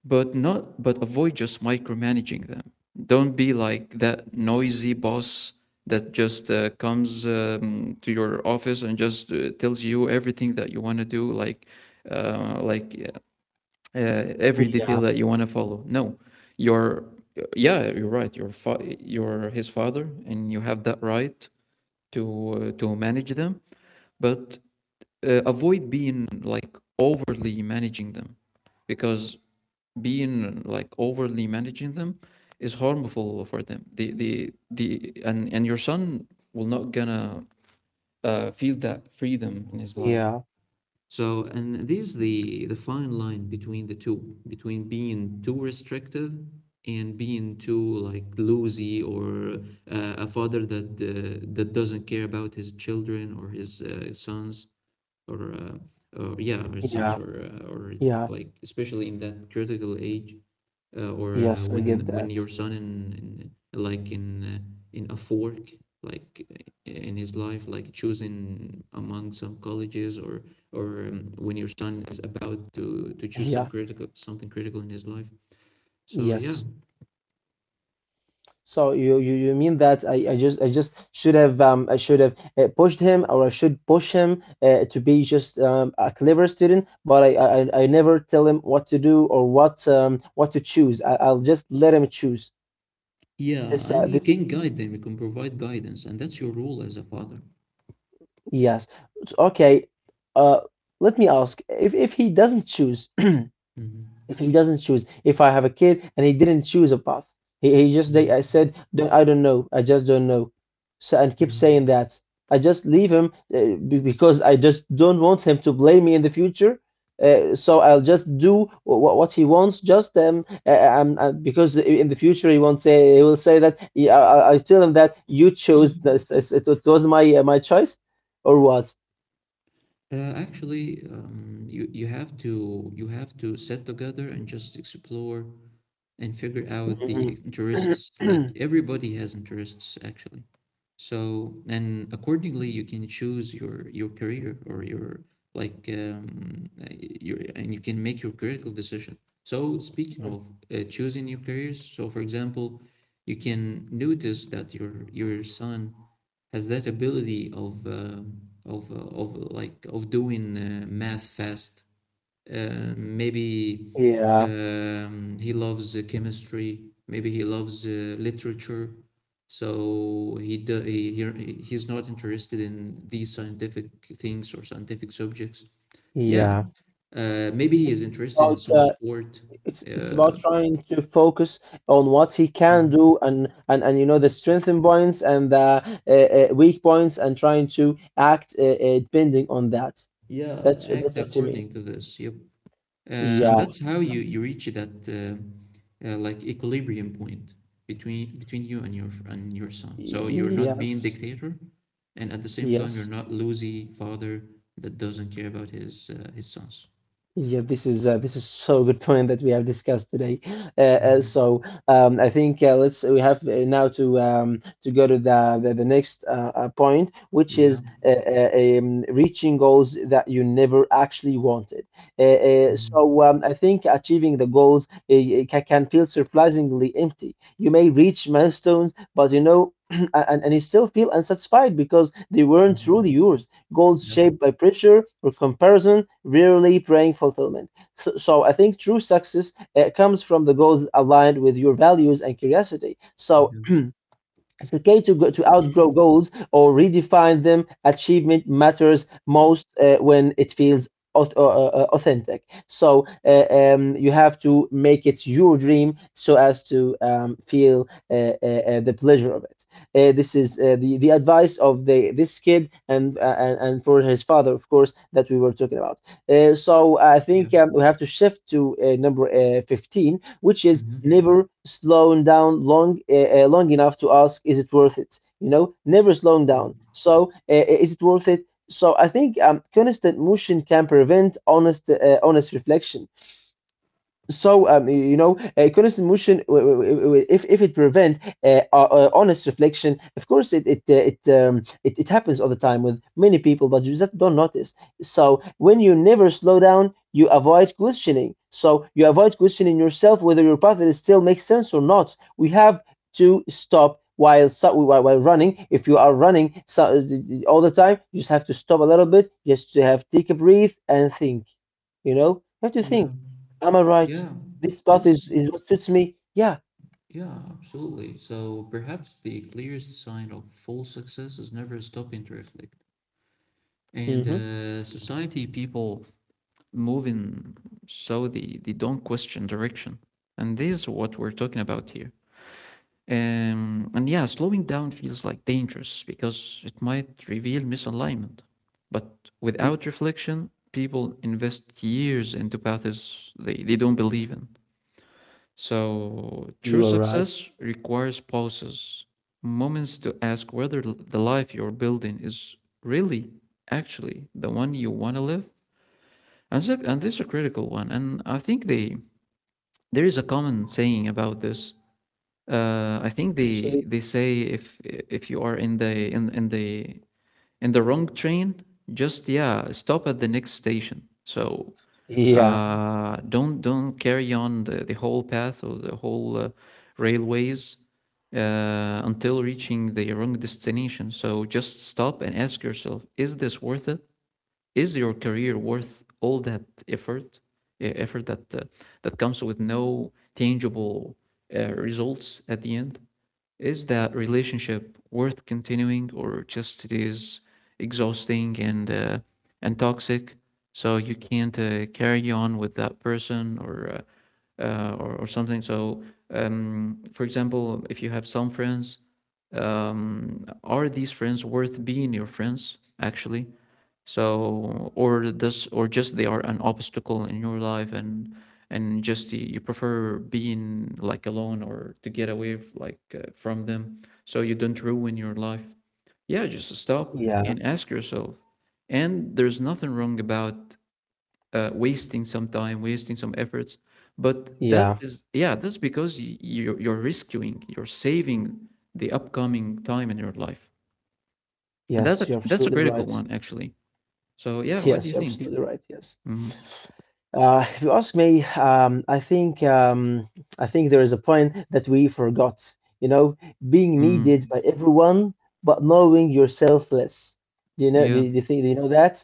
Speaker 1: but not but avoid just micromanaging them. Don't be like that noisy boss that just comes to your office and just tells you everything that you want to do like uh, like uh, every detail
Speaker 2: Yeah,
Speaker 1: that you want to follow. No, you're yeah you're right, you're you're his father and you have that right to manage them. But avoid being like overly managing them, because being like overly managing them is harmful for them, the and your son will not gonna feel that freedom in his life.
Speaker 2: yeah,
Speaker 1: So and this is the fine line between the two, between being too restrictive and being too like loosey, or a father that that doesn't care about his children or his sons or uh, or sons
Speaker 2: yeah,
Speaker 1: or
Speaker 2: yeah.
Speaker 1: like especially in that critical age, or
Speaker 2: Yes, I
Speaker 1: when
Speaker 2: get that.
Speaker 1: your son in like in a fork, like in his life, like choosing among some colleges or when your son is about to choose some
Speaker 2: Yeah,
Speaker 1: critical something critical in his life. So yeah,
Speaker 2: yes. So you mean that I just should have, I should have pushed him, or I should push him to be just a clever student, but I never tell him what to do or what to choose. I'll just let him choose. This
Speaker 1: yeah, and you can guide them, you can provide guidance and that's your role as a father.
Speaker 2: yes, it's okay. Uh, Let me ask, if he doesn't choose, [CLEARS THROAT] if
Speaker 1: Mhm.
Speaker 2: he doesn't choose, if I have a kid and he didn't choose a path, he just they
Speaker 1: Mhm.
Speaker 2: I said, don't— I don't know, I just don't know, so, and keep saying
Speaker 1: Mhm.
Speaker 2: that. I just leave him, because I just don't want him to blame me in the future. So I'll just do what he wants, just because in the future he won't say, he will say that, yeah, I tell him that you chose this, this— it was my choice, or what?
Speaker 1: Actually, you have to you have to sit together and just explore and figure out
Speaker 2: Mhm.
Speaker 1: the interests.
Speaker 2: [CLEARS THROAT]
Speaker 1: Like everybody has interests, actually. So, and accordingly, you can choose your career or your like your and you can make your critical decision. So, speaking of choosing your careers, so for example, you can notice that your son has that ability of of uh, of like of doing math fast, maybe
Speaker 2: Yeah,
Speaker 1: he loves chemistry. Maybe he loves literature. So he, do, he he's not interested in these scientific things or scientific subjects. Yeah,
Speaker 2: yeah.
Speaker 1: maybe he is
Speaker 2: It's
Speaker 1: interested in
Speaker 2: about,
Speaker 1: some sport.
Speaker 2: it's about
Speaker 1: Uh,
Speaker 2: trying to focus on what he can
Speaker 1: mhm.
Speaker 2: do and you know the strengthen points and the weak points and trying to act depending on that.
Speaker 1: Yeah, act
Speaker 2: That's what you mean.
Speaker 1: according to this. Yep. Uh, and
Speaker 2: Yeah.
Speaker 1: that's how
Speaker 2: Yeah.
Speaker 1: you, you reach that like equilibrium point between you and your son. So you're not being
Speaker 2: Yes.
Speaker 1: dictator, and at the same time you're
Speaker 2: Yes.
Speaker 1: not lousy father that doesn't care about his sons.
Speaker 2: Yeah, this is so good point that we have discussed today.
Speaker 1: Mhm.
Speaker 2: I think let's we have now to go to the next point, which
Speaker 1: Yeah.
Speaker 2: is reaching goals that you never actually wanted.
Speaker 1: Mhm.
Speaker 2: I think achieving the goals can feel surprisingly empty. You may reach milestones, but. [CLEARS THROAT] And you still feel unsatisfied because they weren't
Speaker 1: Mhm.
Speaker 2: truly yours, goals
Speaker 1: Yeah.
Speaker 2: shaped by pressure or comparison, rarely bring fulfillment. So I think true success comes from the goals aligned with your values and curiosity. So
Speaker 1: Yeah.
Speaker 2: it's okay to outgrow goals or redefine them. Achievement matters most when it feels authentic. So you have to make it your dream so as to feel the pleasure of it. This is the advice of the this kid and for his father, of course, that we were talking about. So I
Speaker 1: Yeah.
Speaker 2: think we have to shift to number 15, which is
Speaker 1: Mhm.
Speaker 2: never slowing down long long enough to ask, is it worth it? You know, never slowing
Speaker 1: Yeah.
Speaker 2: down. So, is it worth it? So, I think constant motion can prevent honest reflection. So you know, conscious emotion, if it prevent honest reflection, of course it happens all the time with many people, but you just don't notice. So when you never slow down, you avoid questioning. So you avoid questioning yourself whether your path is still makes sense or not. We have to stop while running. If you are running so, all the time, you just have to stop a little bit, just to have take a breath and think. You know, you have to
Speaker 1: Yeah.
Speaker 2: think, am I right?
Speaker 1: Yeah.
Speaker 2: This path is,
Speaker 1: Yes.
Speaker 2: is what suits me. Yeah.
Speaker 1: Yeah. Absolutely. So perhaps the clearest sign of full success is never stopping to reflect. And
Speaker 2: Mm-hmm.
Speaker 1: society, people, moving, so they don't question direction. And this is what we're talking about here. And yeah, slowing down feels like dangerous because it might reveal misalignment. But
Speaker 2: You,
Speaker 1: without reflection, people invest years into paths they don't believe in. So
Speaker 2: you
Speaker 1: true
Speaker 2: are right.
Speaker 1: success requires pauses, moments to ask whether the life you're building is really actually the one you want to live. And so, and this is a critical one, and I think they there is a common saying about this. I think
Speaker 2: Actually,
Speaker 1: they say if you are in the wrong train, just yeah, stop at the next station. So
Speaker 2: yeah,
Speaker 1: don't carry on the whole path or the whole railways until reaching the wrong destination. So just stop and ask yourself: Is this worth it? Is your career worth all that effort effort that that comes with no tangible results at the end? Is that relationship worth continuing, or just it is exhausting and toxic, so you can't carry on with that person? Or or something. So for example, if you have some friends, are these friends worth being your friends actually? So or this, or just they are an obstacle in your life, and just you prefer being like alone or to get away like from them, so you don't ruin your life. Yeah, just stop
Speaker 2: yeah,
Speaker 1: and ask yourself. And there's nothing wrong about wasting some time, wasting some efforts, but that
Speaker 2: yeah.
Speaker 1: is, yeah, that's because you're rescuing, you're saving the upcoming time in your life. And
Speaker 2: Yes, you're
Speaker 1: that's a
Speaker 2: absolutely
Speaker 1: critical
Speaker 2: right.
Speaker 1: one, actually. So yeah, what do
Speaker 2: Yes,
Speaker 1: you
Speaker 2: you're
Speaker 1: think?
Speaker 2: absolutely right. Yes.
Speaker 1: Mm-hmm.
Speaker 2: If you ask me, I think there is a point that we forgot. You know, being needed
Speaker 1: Mm,
Speaker 2: by everyone, but knowing yourself less. Do you know?
Speaker 1: yeah.
Speaker 2: Do you think? Do you know that?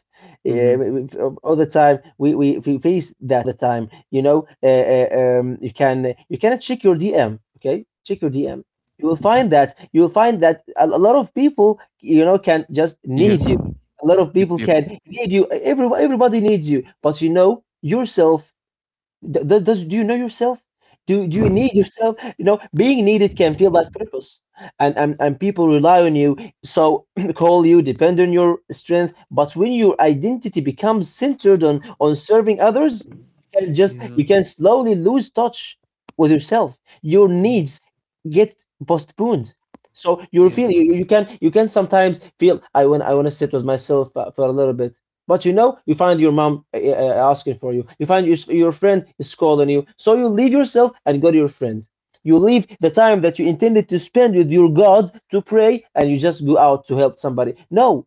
Speaker 2: Yeah,
Speaker 1: Mm-hmm.
Speaker 2: all the time we face that all the time. You know, you can check your DM. Okay, check your DM. You will find that a lot of people, you know, can just
Speaker 1: Yeah.
Speaker 2: need you, a lot of
Speaker 1: Yep.
Speaker 2: people
Speaker 1: Yep.
Speaker 2: can need you. Everybody needs you, but you know yourself. D does do you know yourself? Do you
Speaker 1: Mm,
Speaker 2: need yourself? You know, being needed can feel like purpose, and people rely on you, so [CLEARS THROAT] call you, depend on your strength. But when your identity becomes centered on serving others,
Speaker 1: yeah.
Speaker 2: you can slowly lose touch with yourself. Your
Speaker 1: mm,
Speaker 2: needs get postponed. So you're
Speaker 1: Yeah.
Speaker 2: feeling you can sometimes feel I want to sit with myself for a little bit. But you know, you find your mom asking for you. You find your friend is calling you. So you leave yourself and go to your friend. You leave the time that you intended to spend with your God to pray and you just go out to help somebody. No,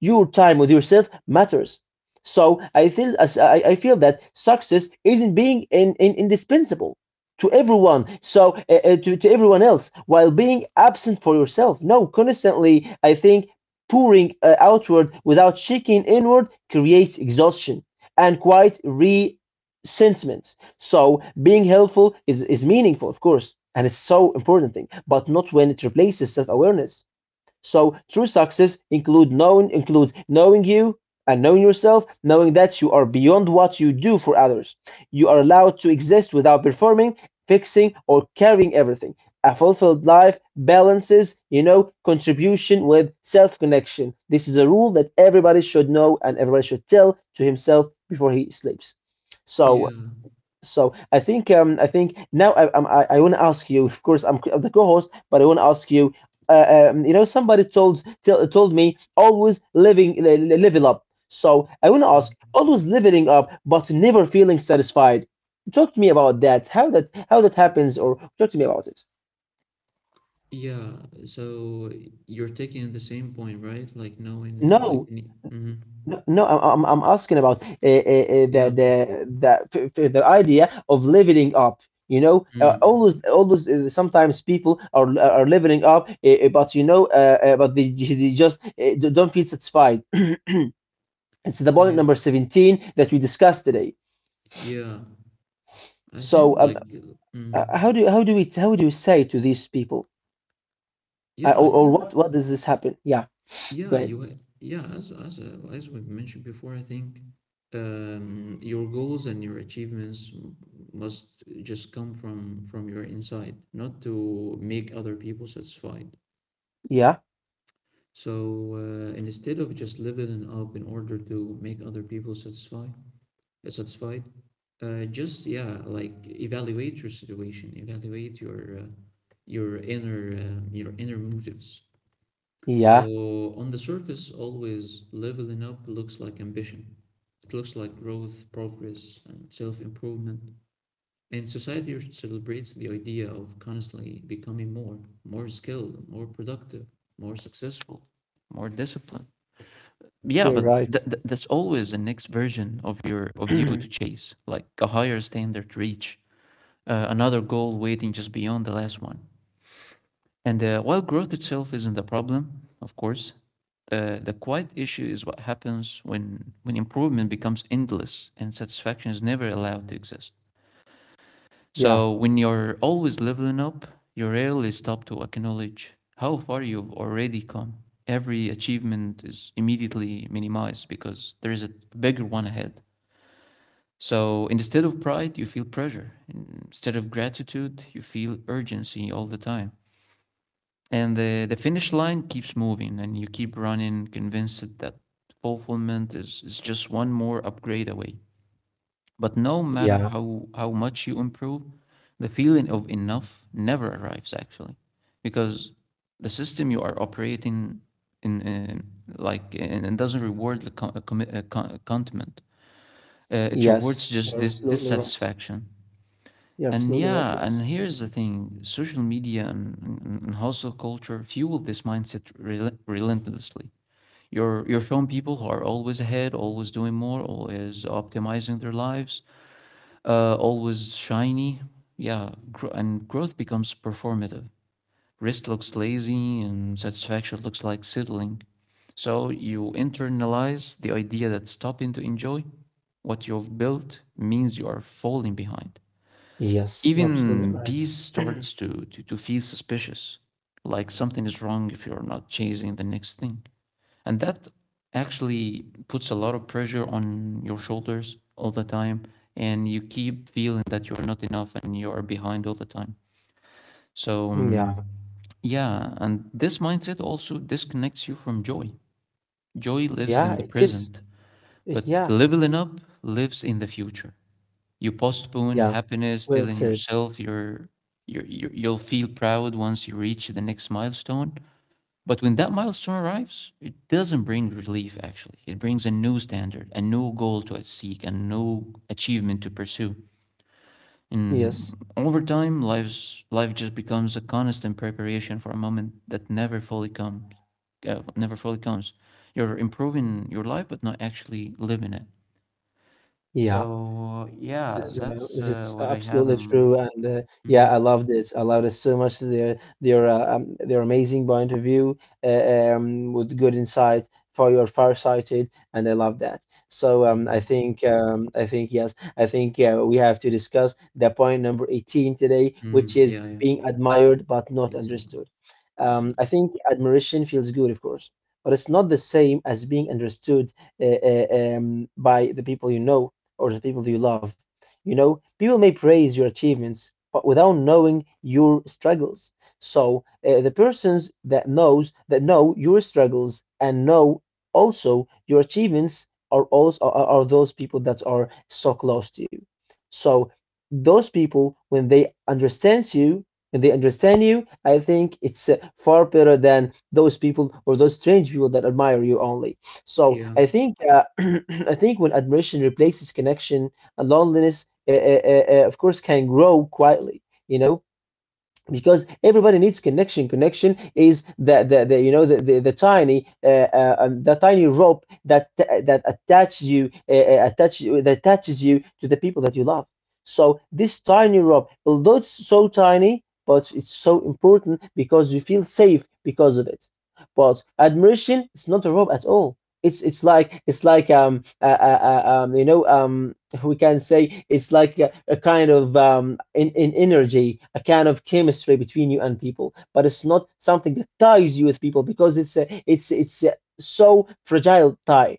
Speaker 2: your time with yourself matters. So I feel as I feel that success isn't being indispensable to everyone. So to everyone else, while being absent for yourself. No, constantly I think pouring outward without checking inward creates exhaustion and quite resentment. So being helpful is meaningful, of course, and it's so important thing, but not when it replaces self-awareness. So true success include knowing includes knowing you and knowing yourself, knowing that you are beyond what you do for others. You are allowed to exist without performing, fixing, or carrying everything. A fulfilled life balances, you know, contribution with self connection. This is a rule that everybody should know and everybody should tell to himself before he sleeps. So
Speaker 1: Yeah.
Speaker 2: so I think now I want to ask you. Of course, I'm the co-host, but I want to ask you. You know, somebody told me always living level up. So I want to
Speaker 1: mm,
Speaker 2: ask, always leveling up, but never feeling satisfied. Talk to me about that. How that happens, or talk to me about it.
Speaker 1: Yeah. So you're taking the same point, right? Like knowing, like,
Speaker 2: No,
Speaker 1: mm-hmm.
Speaker 2: No, I'm asking about the
Speaker 1: Yeah.
Speaker 2: the the the the idea of leveling up. You know,
Speaker 1: Mm.
Speaker 2: always sometimes people are leveling up, but they just don't feel satisfied. [CLEARS THROAT] It's the point
Speaker 1: Yeah.
Speaker 2: number 17 that we discussed today.
Speaker 1: Yeah. I think
Speaker 2: So,
Speaker 1: like, mm.
Speaker 2: how do you say to these people,
Speaker 1: Yeah, I
Speaker 2: or
Speaker 1: think
Speaker 2: what does this happen? Yeah, go
Speaker 1: Yeah,
Speaker 2: ahead.
Speaker 1: yeah, as we've mentioned before, I think your goals and your achievements must just come from your inside, not to make other people satisfied.
Speaker 2: Yeah,
Speaker 1: So instead of just leveling up in order to make other people satisfied, uh, satisfied, just yeah, like evaluate your situation, evaluate your your inner motives.
Speaker 2: yeah,
Speaker 1: So on the surface, always leveling up looks like ambition. It looks like growth, progress, and self-improvement. And society celebrates the idea of constantly becoming more, more skilled, more productive, more successful, more disciplined. Yeah,
Speaker 2: you're
Speaker 1: but th
Speaker 2: right.
Speaker 1: th that's always the next version of you to
Speaker 2: [CLEARS THROAT]
Speaker 1: chase, like a higher standard to reach, another goal waiting just beyond the last one. And while growth itself isn't the problem, of course, the quiet issue is what happens when improvement becomes endless and satisfaction is never allowed to exist.
Speaker 2: Yeah,
Speaker 1: So when you're always leveling up, you rarely stop to acknowledge how far you've already come. Every achievement is immediately minimized because there is a bigger one ahead. So instead of pride, you feel pressure. Instead of gratitude, you feel urgency all the time. And the finish line keeps moving, and you keep running, convinced that is just one more upgrade away. But no matter
Speaker 2: yeah,
Speaker 1: how much you improve, the feeling of enough never arrives, actually, because the system you are operating in doesn't reward the contentment. It
Speaker 2: yes,
Speaker 1: rewards
Speaker 2: you're
Speaker 1: just this
Speaker 2: absolutely right.
Speaker 1: dissatisfaction.
Speaker 2: You're
Speaker 1: And
Speaker 2: absolutely right.
Speaker 1: yeah,
Speaker 2: Yes.
Speaker 1: and here's the thing: social media and hustle culture fuel this mindset relentlessly. You're showing people who are always ahead, always doing more, always optimizing their lives, always shiny. Yeah, and growth becomes performative. Rest looks lazy, and satisfaction looks like settling. So you internalize the idea that stopping to enjoy what you've built means you are falling behind.
Speaker 2: Yes, you're
Speaker 1: Even
Speaker 2: absolutely right.
Speaker 1: peace starts
Speaker 2: [CLEARS THROAT]
Speaker 1: to, to feel suspicious, like something is wrong if you're not chasing the next thing. And that actually puts a lot of pressure on your shoulders all the time. And you keep feeling that you're not enough and you are behind all the time. So,
Speaker 2: Yeah.
Speaker 1: yeah, and this mindset also disconnects you from joy. Joy lives in
Speaker 2: Yeah,
Speaker 1: the
Speaker 2: it is.
Speaker 1: present, but
Speaker 2: It, yeah.
Speaker 1: leveling up lives in the future. You postpone
Speaker 2: Yeah.
Speaker 1: happiness,
Speaker 2: Well
Speaker 1: telling
Speaker 2: said.
Speaker 1: yourself you you'll feel proud once you reach the next milestone. But when that milestone arrives, it doesn't bring relief, actually. It brings a new standard, a new goal to seek, a new achievement to pursue.
Speaker 2: Yes.
Speaker 1: Over time, life just becomes a constant preparation for a moment that never fully comes, never fully comes. You're improving your life but not actually living it.
Speaker 2: Yeah.
Speaker 1: So yeah, that's
Speaker 2: This is
Speaker 1: what I have
Speaker 2: absolutely true,
Speaker 1: on.
Speaker 2: and yeah, I
Speaker 1: Mhm.
Speaker 2: loved it. I loved it so much. They're amazing by interview, with good insight for your farsighted, and I love that. So
Speaker 1: Mhm.
Speaker 2: I think yes, I think we have to discuss the point number 18 today, which
Speaker 1: Mm,
Speaker 2: is
Speaker 1: yeah, yeah,
Speaker 2: being admired but not
Speaker 1: exactly,
Speaker 2: understood. I
Speaker 1: exactly.
Speaker 2: think admiration feels good, of course, but it's not the same as being understood uh, uh, by the people you know or the people you love. You know, people may praise your achievements, but without knowing your struggles. So the persons that know your struggles and know also your achievements are those people that are so close to you. So those people, when they understand you, I think it's far better than those people or those strange people that admire you only. So
Speaker 1: Yeah.
Speaker 2: I think [CLEARS THROAT] I think when admiration replaces connection, and loneliness, of course, can grow quietly, you know, because everybody needs connection. Connection is the you know the tiny rope that attaches you attach that attaches you to the people that you love. So this tiny rope, although it's so tiny, but it's so important because you feel safe because of it. But admiration is not a rope at all. It's like you know we can say it's like a kind of in energy, a kind of chemistry between you and people, but it's not something that ties you with people because it's a so fragile tie.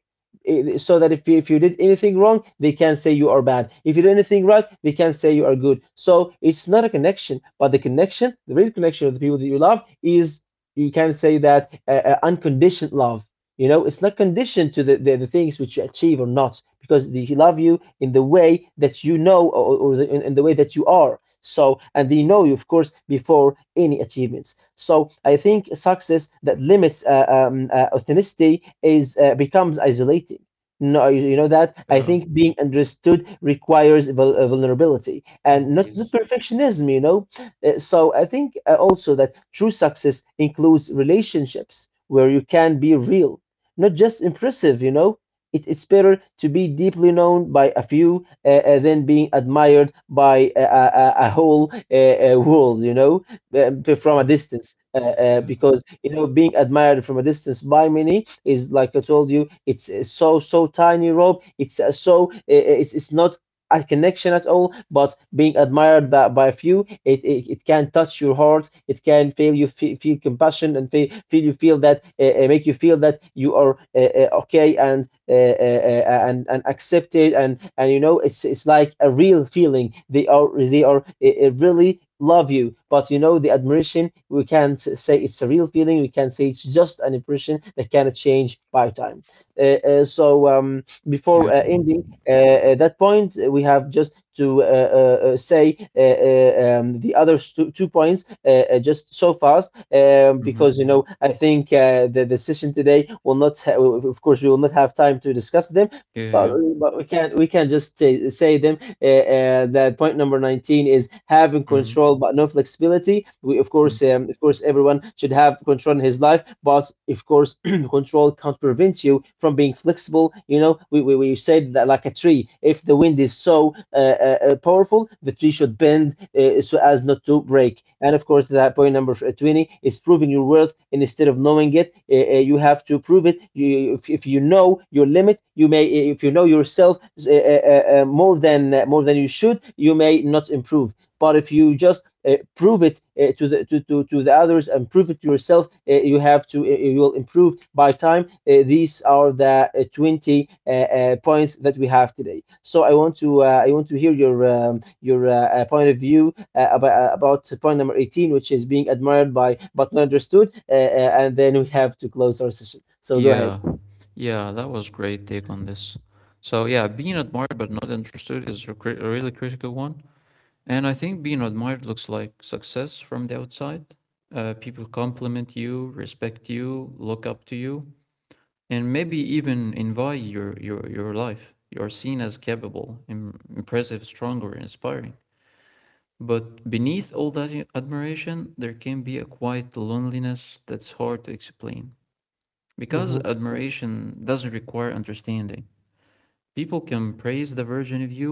Speaker 2: So that if if you did anything wrong, they can say you are bad. If you did anything right, they can say you are good. So it's not a connection, but the real connection of the people that you love is you can say that unconditioned love, you know, it's not conditioned to the things which you achieve or not, because they love you in the way that you know or in the way that you are. So, and they know you, of course, before any achievements. So I think success that limits authenticity is becomes isolating. No, you know that I
Speaker 1: Yeah.
Speaker 2: think being understood requires vulnerability and
Speaker 1: Mm,
Speaker 2: not
Speaker 1: yes.
Speaker 2: perfectionism. You know, so I think also that true success includes relationships where you can be real, not just impressive, you know. It's better to be deeply known by a few than being admired by a whole world, you know, from a
Speaker 1: mm,
Speaker 2: distance.
Speaker 1: yeah.
Speaker 2: Because, you know, being admired from a distance by many is, like I told you, it's so, so tiny, Rob. It's it's not a connection at all, but being admired by a few, it can touch your heart. It can feel you fe feel compassion and feel that make you feel that you are okay and and accepted, and you know it's like a real feeling. They are really love you, but you know the admiration we can't say it's a real feeling, we can say it's just an impression that cannot change by time.
Speaker 1: Yeah.
Speaker 2: Before ending at that point, we have just to say the other 2 points just so fast,
Speaker 1: Mm-hmm.
Speaker 2: because you know I think the decision today will not. Of course, we will not have time to discuss them. But,
Speaker 1: Yeah.
Speaker 2: we can not we can just say them, that point number 19 is having
Speaker 1: Mm-hmm.
Speaker 2: control but no flexibility. We, of course,
Speaker 1: Mm-hmm.
Speaker 2: of course everyone should have control in his life, but of course and control can't prevent you from being flexible. You know, we said that like a tree, if the wind is so powerful, the tree should bend so as not to break. And of course, that point number 20 is proving your worth. And instead of knowing it, you have to prove it. If you know your limit, you may, if you know yourself more than you should, you may not improve. But if you just prove it to the others and prove it to yourself, you have to you will improve by time. These are the 20 points that we have today. So I want to hear your point of view about point number 18, which is being admired by but not understood. And then we have to close our session. So go
Speaker 1: Yeah.
Speaker 2: ahead.
Speaker 1: Yeah. That was great take on this. So yeah, being admired but not interested is a, a really critical one. And I think being admired looks like success from the outside. People compliment you, respect you, look up to you. And maybe even envy your life. You are seen as capable, impressive, strong, or inspiring. But beneath all that admiration, there can be a quiet loneliness that's hard to explain. Because
Speaker 2: Hmm. Yes,
Speaker 1: admiration doesn't require understanding. People can praise the version of you,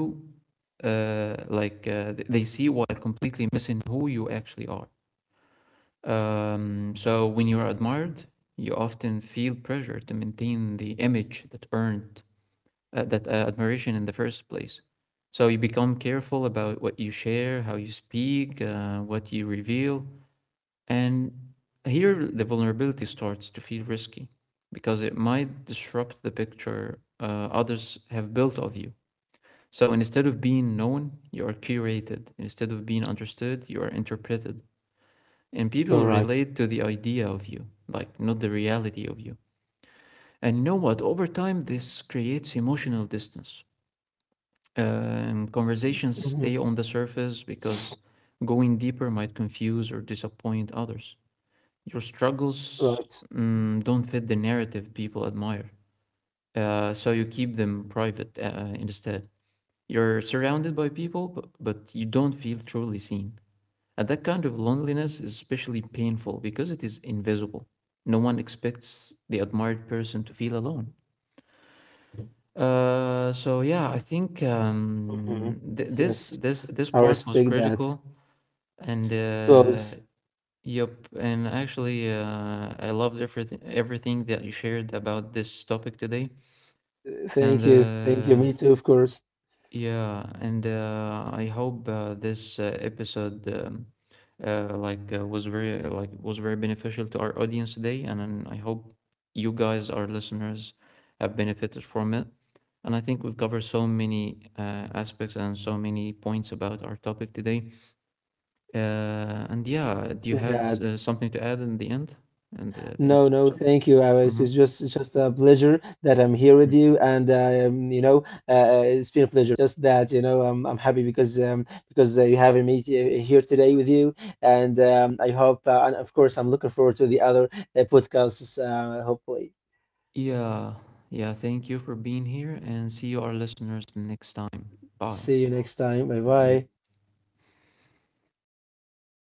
Speaker 1: like they see, while completely missing who you actually are. So when you're admired, you often feel pressure to maintain the image that earned that admiration in the first place. So you become careful about what you share, how you speak, what you reveal, and here the vulnerability starts to feel risky because it might disrupt the picture others have built of you. So instead of being known, you are curated. Instead of being understood, you are interpreted. And
Speaker 2: you're
Speaker 1: people
Speaker 2: right.
Speaker 1: relate to the idea of you, like not the reality of you. And you know what? Over time, this creates emotional distance. Conversations
Speaker 2: Hmm.
Speaker 1: stay on the surface because going deeper might confuse or disappoint others. Your struggles,
Speaker 2: Right.
Speaker 1: don't fit the narrative people admire, so you keep them private instead. You're surrounded by people, but you don't feel truly seen. And that kind of loneliness is especially painful because it is invisible. No one expects the admired person to feel alone. So yeah, I think
Speaker 2: Hmm.
Speaker 1: th this
Speaker 2: Yes, I
Speaker 1: part was
Speaker 2: respect that.
Speaker 1: critical, and
Speaker 2: It was.
Speaker 1: yep, and actually, I loved everything that you shared about this topic today, and
Speaker 2: Thank you. Thank you. Me too, of course.
Speaker 1: yeah, and I hope this episode was very like was very beneficial to our audience today, and then I hope you guys, our listeners, have benefited from it. And I think we've covered so many aspects and so many points about our topic today. And yeah, do you
Speaker 2: We
Speaker 1: have
Speaker 2: had.
Speaker 1: something to add in the end? In in
Speaker 2: No,
Speaker 1: this
Speaker 2: no,
Speaker 1: episode?
Speaker 2: thank you. It's
Speaker 1: Mm-hmm.
Speaker 2: it's just a pleasure that I'm here with
Speaker 1: Mm-hmm.
Speaker 2: you, and you know, it's been a pleasure. Just that, you know, I'm happy because you having me here today with you, and I hope and of course I'm looking forward to the other podcasts hopefully.
Speaker 1: Yeah, yeah. Thank you for being here, and see you, our listeners, next time. Bye.
Speaker 2: See you next time. Bye
Speaker 1: Yeah.
Speaker 2: bye.